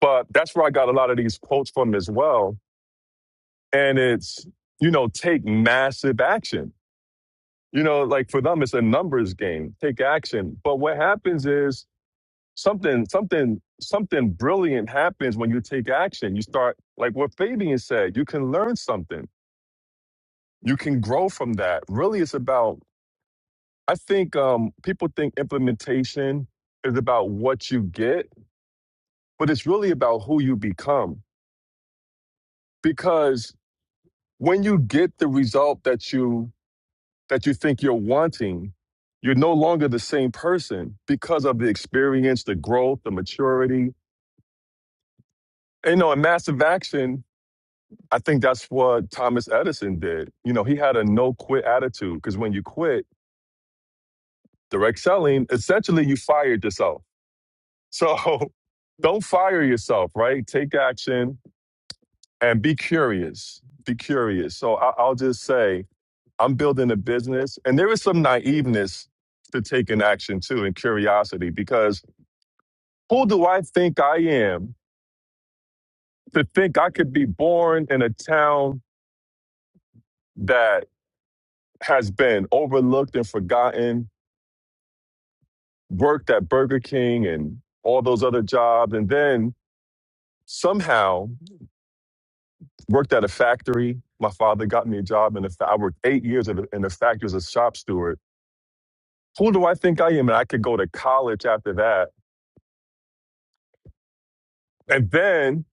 But that's where I got a lot of these quotes from as well. And it's, you know, take massive action. You know, like for them, it's a numbers game. Take action. But what happens is something, something, something brilliant happens when you take action. You start, like what Fabian said, you can learn something you can grow from that. Really, it's about, I think um, people think implementation is about what you get, but it's really about who you become. Because when you get the result that you that you think you're wanting, you're no longer the same person because of the experience, the growth, the maturity. And, you know, in massive action, I think that's what Thomas Edison did. You know, he had a no quit attitude because when you quit direct selling, essentially you fired yourself So don't fire yourself, right? Take action and be curious. Be curious. So I, I'll just say I'm building a business, and there is some naiveness to taking action too and curiosity because who do I think I am to think I could be born in a town that has been overlooked and forgotten, worked at Burger King and all those other jobs, and then somehow worked at a factory. My father got me a job in a fa- I worked eight years at a, in a factory as a shop steward. Who do I think I am? And I could go to college after that and then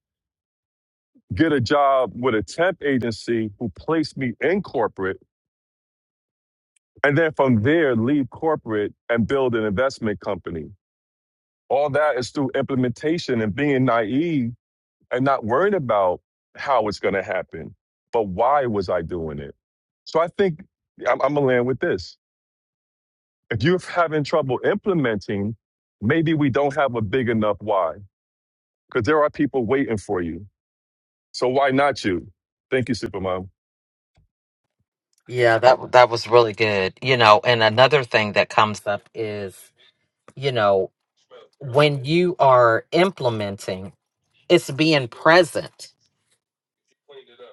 get a job with a temp agency who placed me in corporate. And then from there, leave corporate and build an investment company. All that is through implementation and being naive and not worrying about how it's going to happen. But why was I doing it? So I think I'm, I'm going to land with this if you're having trouble implementing, maybe we don't have a big enough why. Because there are people waiting for you. So why not you? Thank you, Supermom.
Yeah, that that was really good. You know, and another thing that comes up is, you know, when you are implementing, it's being present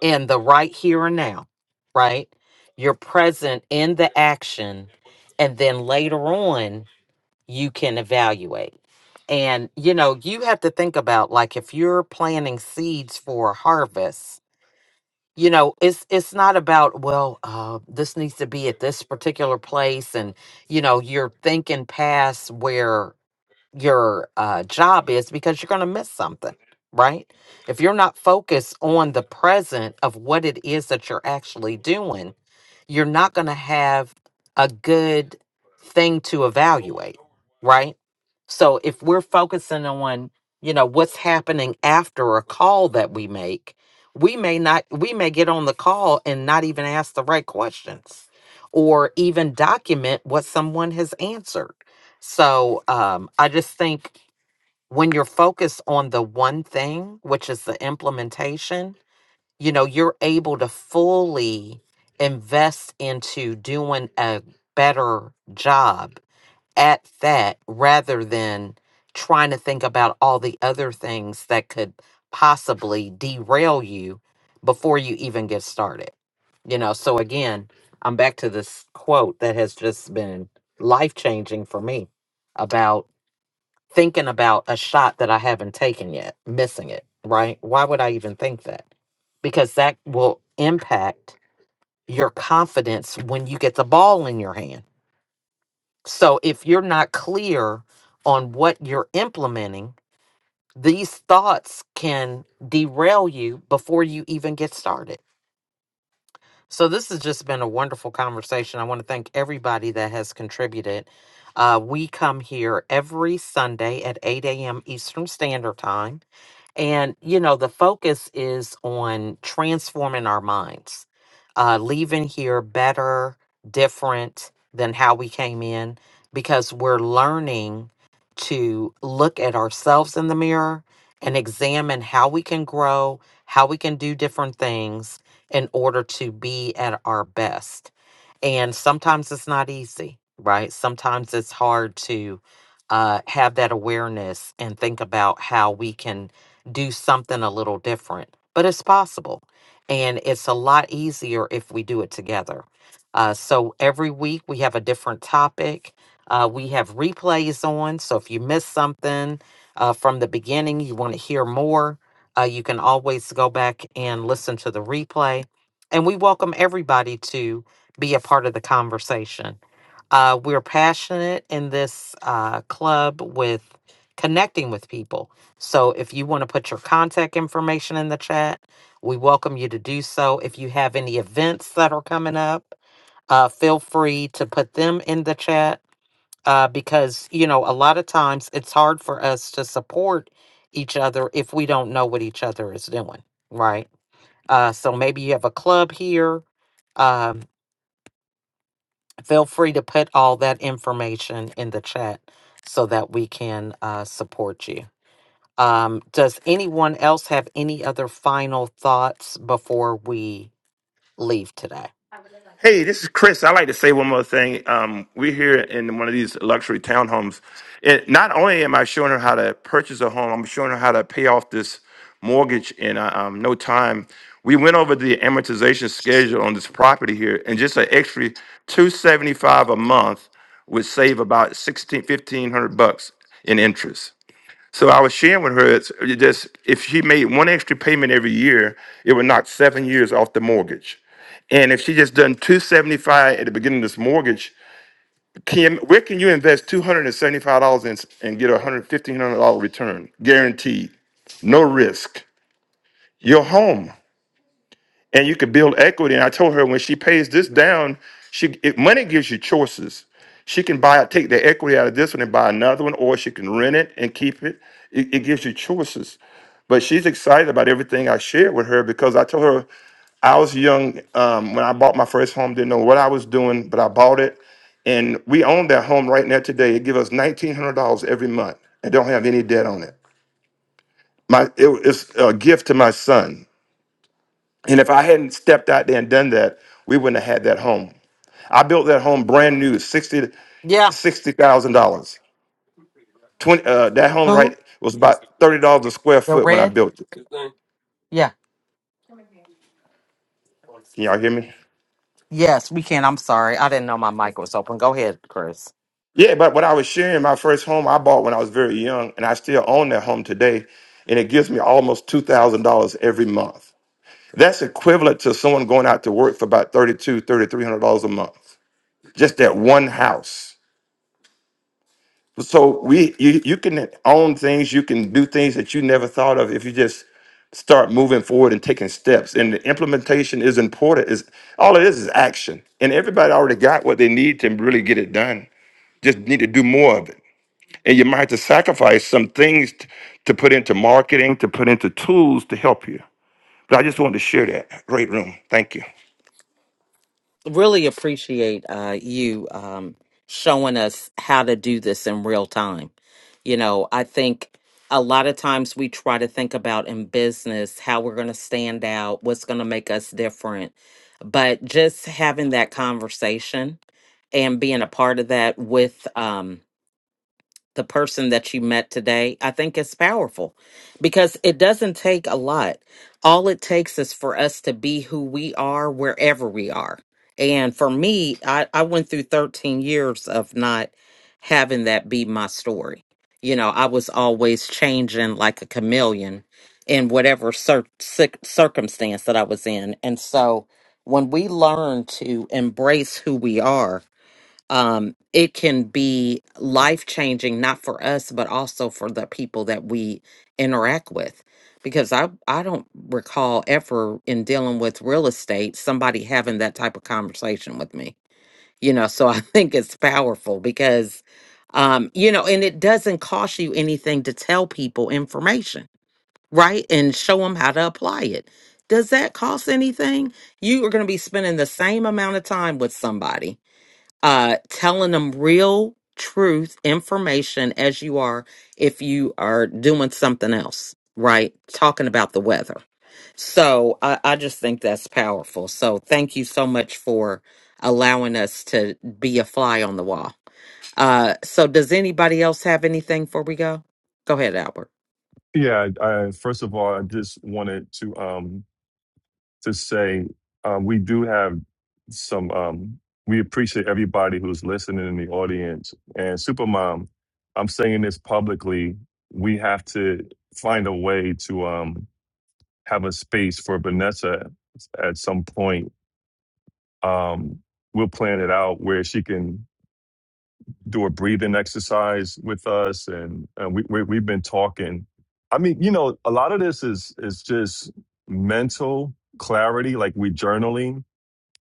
in the right here and now, right? You're present in the action, and then later on. you can evaluate. And you know, you have to think about like if you're planting seeds for a harvest, you know, it's it's not about well, uh, this needs to be at this particular place, and you know, you're thinking past where your uh, job is because you're going to miss something, right? If you're not focused on the present of what it is that you're actually doing, you're not going to have a good thing to evaluate, right? So if we're focusing on, you know, what's happening after a call that we make, we may not, we may get on the call and not even ask the right questions or even document what someone has answered so um, I just think when you're focused on the one thing, which is the implementation, you know, you're able to fully invest into doing a better job at that rather than trying to think about all the other things that could possibly derail you before you even get started. You know, so again, I'm back to this quote that has just been life changing for me about thinking about a shot that I haven't taken yet, missing it, right? Why would I even think that? Because that will impact your confidence when you get the ball in your hand. So if you're not clear on what you're implementing, these thoughts can derail you before you even get started. So this has just been a wonderful conversation. I want to thank everybody that has contributed. Uh, we come here every Sunday at 8 a.m. Eastern Standard Time And, you know, the focus is on transforming our minds, uh, leaving here better, different than how we came in, because we're learning to look at ourselves in the mirror and examine how we can grow, how we can do different things in order to be at our best. And sometimes it's not easy, right? Sometimes it's hard to uh, have that awareness and think about how we can do something a little different, but it's possible. And it's a lot easier if we do it together. Uh, so every week we have a different topic. Uh, we have replays on. So if you miss something uh, from the beginning, you want to hear more, uh, you can always go back and listen to the replay. And we welcome everybody to be a part of the conversation. Uh, we're passionate in this uh, club with connecting with people. So if you want to put your contact information in the chat, we welcome you to do so. If you have any events that are coming up, uh, feel free to put them in the chat uh, because, you know, a lot of times it's hard for us to support each other if we don't know what each other is doing, right? Uh, so maybe you have a club here. Um, feel free to put all that information in the chat so that we can uh, support you. Um, does anyone else have any other final thoughts before we leave today?
Hey, this is Chris. I like to say one more thing. Um, we're here in one of these luxury townhomes. It, not only am I showing her how to purchase a home, I'm showing her how to pay off this mortgage in uh, um, no time. We went over the amortization schedule on this property here, and just an extra two seventy five a month would save about 16 1500 bucks in interest. So I was sharing with her, it's it just if she made one extra payment every year, it would knock seven years off the mortgage. And if she just done two seventy five at the beginning of this mortgage, can where can you invest two hundred and seventy five dollars and and get a hundred fifteen hundred dollar return guaranteed, no risk? Your home and you can build equity. And I told her when she pays this down, she it, money gives you choices. She can buy take the equity out of this one and buy another one, or she can rent it and keep it. It, it gives you choices. But she's excited about everything I shared with her because I told her I was young um, when I bought my first home. Didn't know what I was doing, but I bought it, and we own that home right now today. It gives us nineteen hundred dollars every month, and don't have any debt on it. My it, it's a gift to my son and if I hadn't stepped out there and done that, we wouldn't have had that home. I built that home brand new, sixty
Yeah.
sixty thousand dollars. Twenty uh, that home
Who?
right was about thirty dollars a square
The
foot when I
red?
built it.
Yeah.
Can y'all hear me?
Yes, we can. I'm sorry. I didn't know my mic was open. Go ahead, Chris.
Yeah, but what I was sharing, my first home I bought when I was very young, and I still own that home today, and it gives me almost two thousand dollars every month. That's equivalent to someone going out to work for about thirty two, thirty three hundred dollars a month. Just that one house. So we you you can own things, you can do things that you never thought of if you just start moving forward and taking steps. And the implementation is important. Is all it is is action. And everybody already got what they need to really get it done. Just need to do more of it. And you might have to sacrifice some things t- to put into marketing, to put into tools to help you. But I just wanted to share that. Great room. Thank you.
Really appreciate uh, you um, showing us how to do this in real time. You know, I think a lot of times we try to think about in business how we're going to stand out, what's going to make us different. But just having that conversation and being a part of that with um the person that you met today i think is powerful because it doesn't take a lot all it takes is for us to be who we are wherever we are and for me i i went through 13 years of not having that be my story you know i was always changing like a chameleon in whatever cir- cir- circumstance that i was in and so when we learn to embrace who we are um, it can be life changing, not for us, but also for the people that we interact with. Because I, I don't recall ever in dealing with real estate somebody having that type of conversation with me, you know. So I think it's powerful because, um, you know, and it doesn't cost you anything to tell people information, right? And show them how to apply it. Does that cost anything? You are going to be spending the same amount of time with somebody uh, telling them real truth information as you are if you are doing something else, right? Talking about the weather. So I, I just think that's powerful. So thank you so much for allowing us to be a fly on the wall. Uh, so does anybody else have anything before we go? Go ahead, Albert.
Yeah, I, first of all, I just wanted to um to say um, we do have some um we appreciate everybody who's listening in the audience and Supermom. I'm saying this publicly. We have to find a way to um have a space for Vanessa at some point. Um, we'll plan it out where she can do a breathing exercise with us, and, and we, we we've been talking. I mean, you know, a lot of this is is just mental clarity, like we journaling.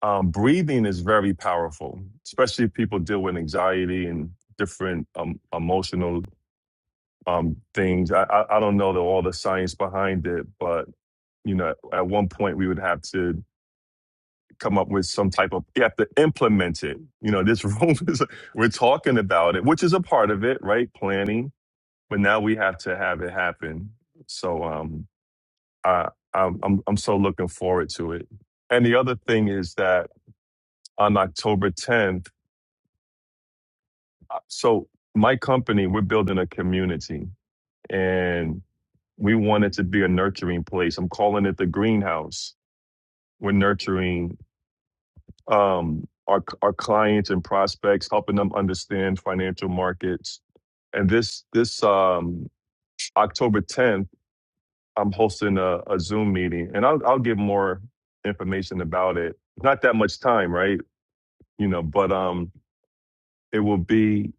Um, breathing is very powerful, especially if people deal with anxiety and different um, emotional um, things. I, I I don't know the, all the science behind it, but you know, at one point we would have to come up with some type of you have to implement it you know this room is we're talking about it which is a part of it right planning but now we have to have it happen so um i i'm i'm, I'm so looking forward to it and the other thing is that on october 10th uh, so my company we're building a community and we want it to be a nurturing place i'm calling it the greenhouse we're nurturing um, our our clients and prospects, helping them understand financial markets. And this this um, October 10th, I'm hosting a, a Zoom meeting, and I'll I'll give more information about it. Not that much time, right? You know, but um, it will be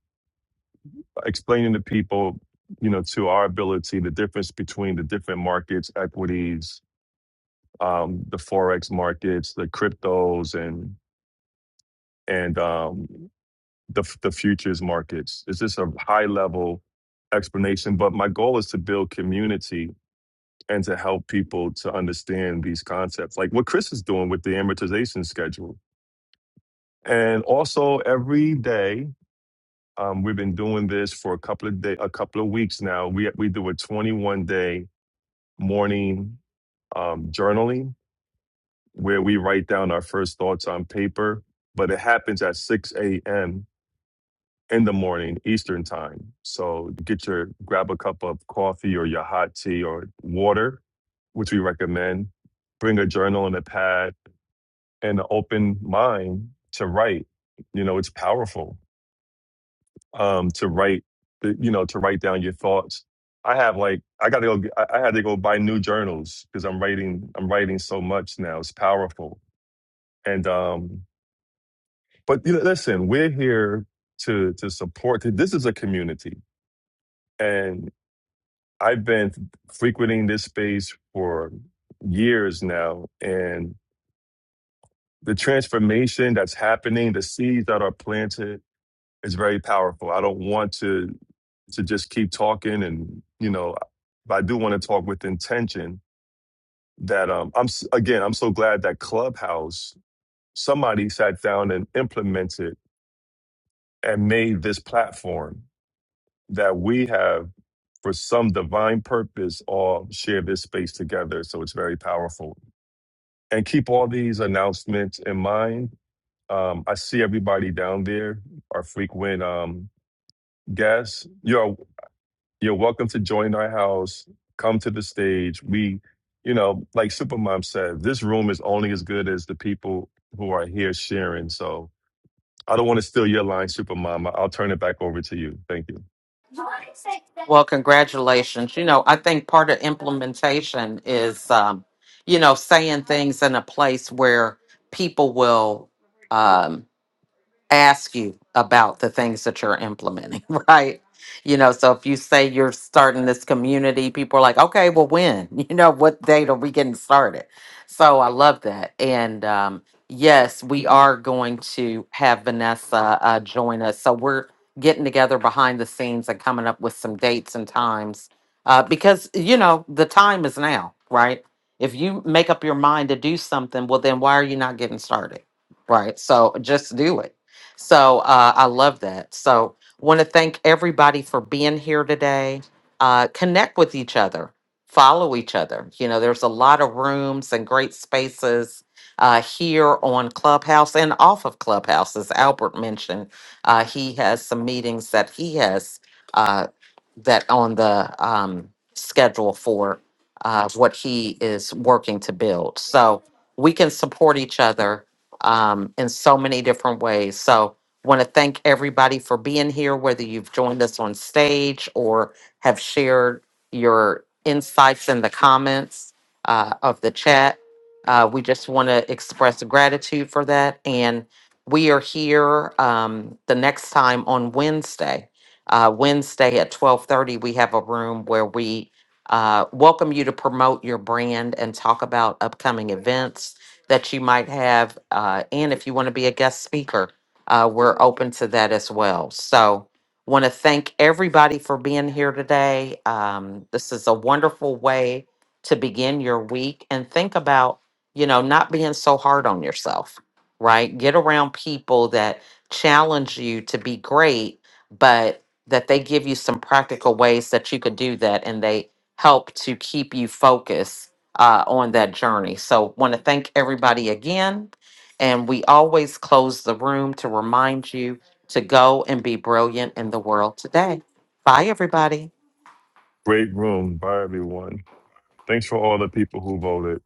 explaining to people, you know, to our ability the difference between the different markets, equities, um, the forex markets, the cryptos, and and um, the the futures markets. It's just a high level explanation, but my goal is to build community and to help people to understand these concepts, like what Chris is doing with the amortization schedule. And also every day, um, we've been doing this for a couple of day, a couple of weeks now. We we do a 21 day morning um, journaling where we write down our first thoughts on paper, but it happens at 6 a.m in the morning Eastern time. So get your grab a cup of coffee or your hot tea or water, which we recommend. Bring a journal and a pad and an open mind to write. You know, it's powerful um, to write. the- You know, to write down your thoughts. I have like I got to go. get- I I had to go buy new journals because I'm writing. I'm writing so much now. It's powerful. And um, but you know, listen, we're here to to support. This is a community and. I've been frequenting this space for years now, and the transformation that's happening, the seeds that are planted, is very powerful. I don't want to to just keep talking, and you know, but I do want to talk with intention. That um, I'm s- again, I'm so glad that Clubhouse somebody sat down and implemented and made this platform that we have for some divine purpose all share this space together. So it's very powerful. and keep all these announcements in mind. Um, I see everybody down there, our frequent um, guests. You're you're welcome to join our house. Come to the stage. We, you know, like Supermom said, this room is only as good as the people who are here sharing. So I don't want to steal your line, Supermom. I- I'll turn it back over to you. Thank you.
Well, congratulations. You know, I think part of implementation is, um, you know, saying things in a place where people will. um, ask you about the things that you're implementing, right? You know, so if you say you're starting this community, people are like, okay, well, when? You know, what date are we getting started? So I love that. And um, yes, we are going to have Vanessa uh, join us. So we're getting together behind the scenes and coming up with some dates and times uh, because, you know, the time is now, right? If you make up your mind to do something, well, then why are you not getting started? Right. So just do it so uh, I love that. So want to thank everybody for being here today. Uh, connect with each other, follow each other. You know, there's a lot of rooms and great spaces uh, here on Clubhouse and off of Clubhouse, as Albert mentioned. Uh, he has some meetings that he has uh, that on the um, schedule for uh, what he is working to build. So we can support each other um, in so many different ways. So, want to thank everybody for being here, whether you've joined us on stage or have shared your insights in the comments uh, of the chat. Uh, we just want to express gratitude for that. And we are here um, the next time on Wednesday. Uh, Wednesday at 12:30, we have a room where we uh, welcome you to promote your brand and talk about upcoming events that you might have. Uh, and if you want to be a guest speaker, uh, we're open to that as well. So, want to thank everybody for being here today. Um, this is a wonderful way to begin your week and think about, you know, not being so hard on yourself, right? Get around people that challenge you to be great, but that they give you some practical ways that you could do that and they help to keep you focused uh, on that journey. So, want to thank everybody again. And we always close the room to remind you to go and be brilliant in the world today. Bye, everybody.
Great room. Bye, everyone. Thanks for all the people who voted.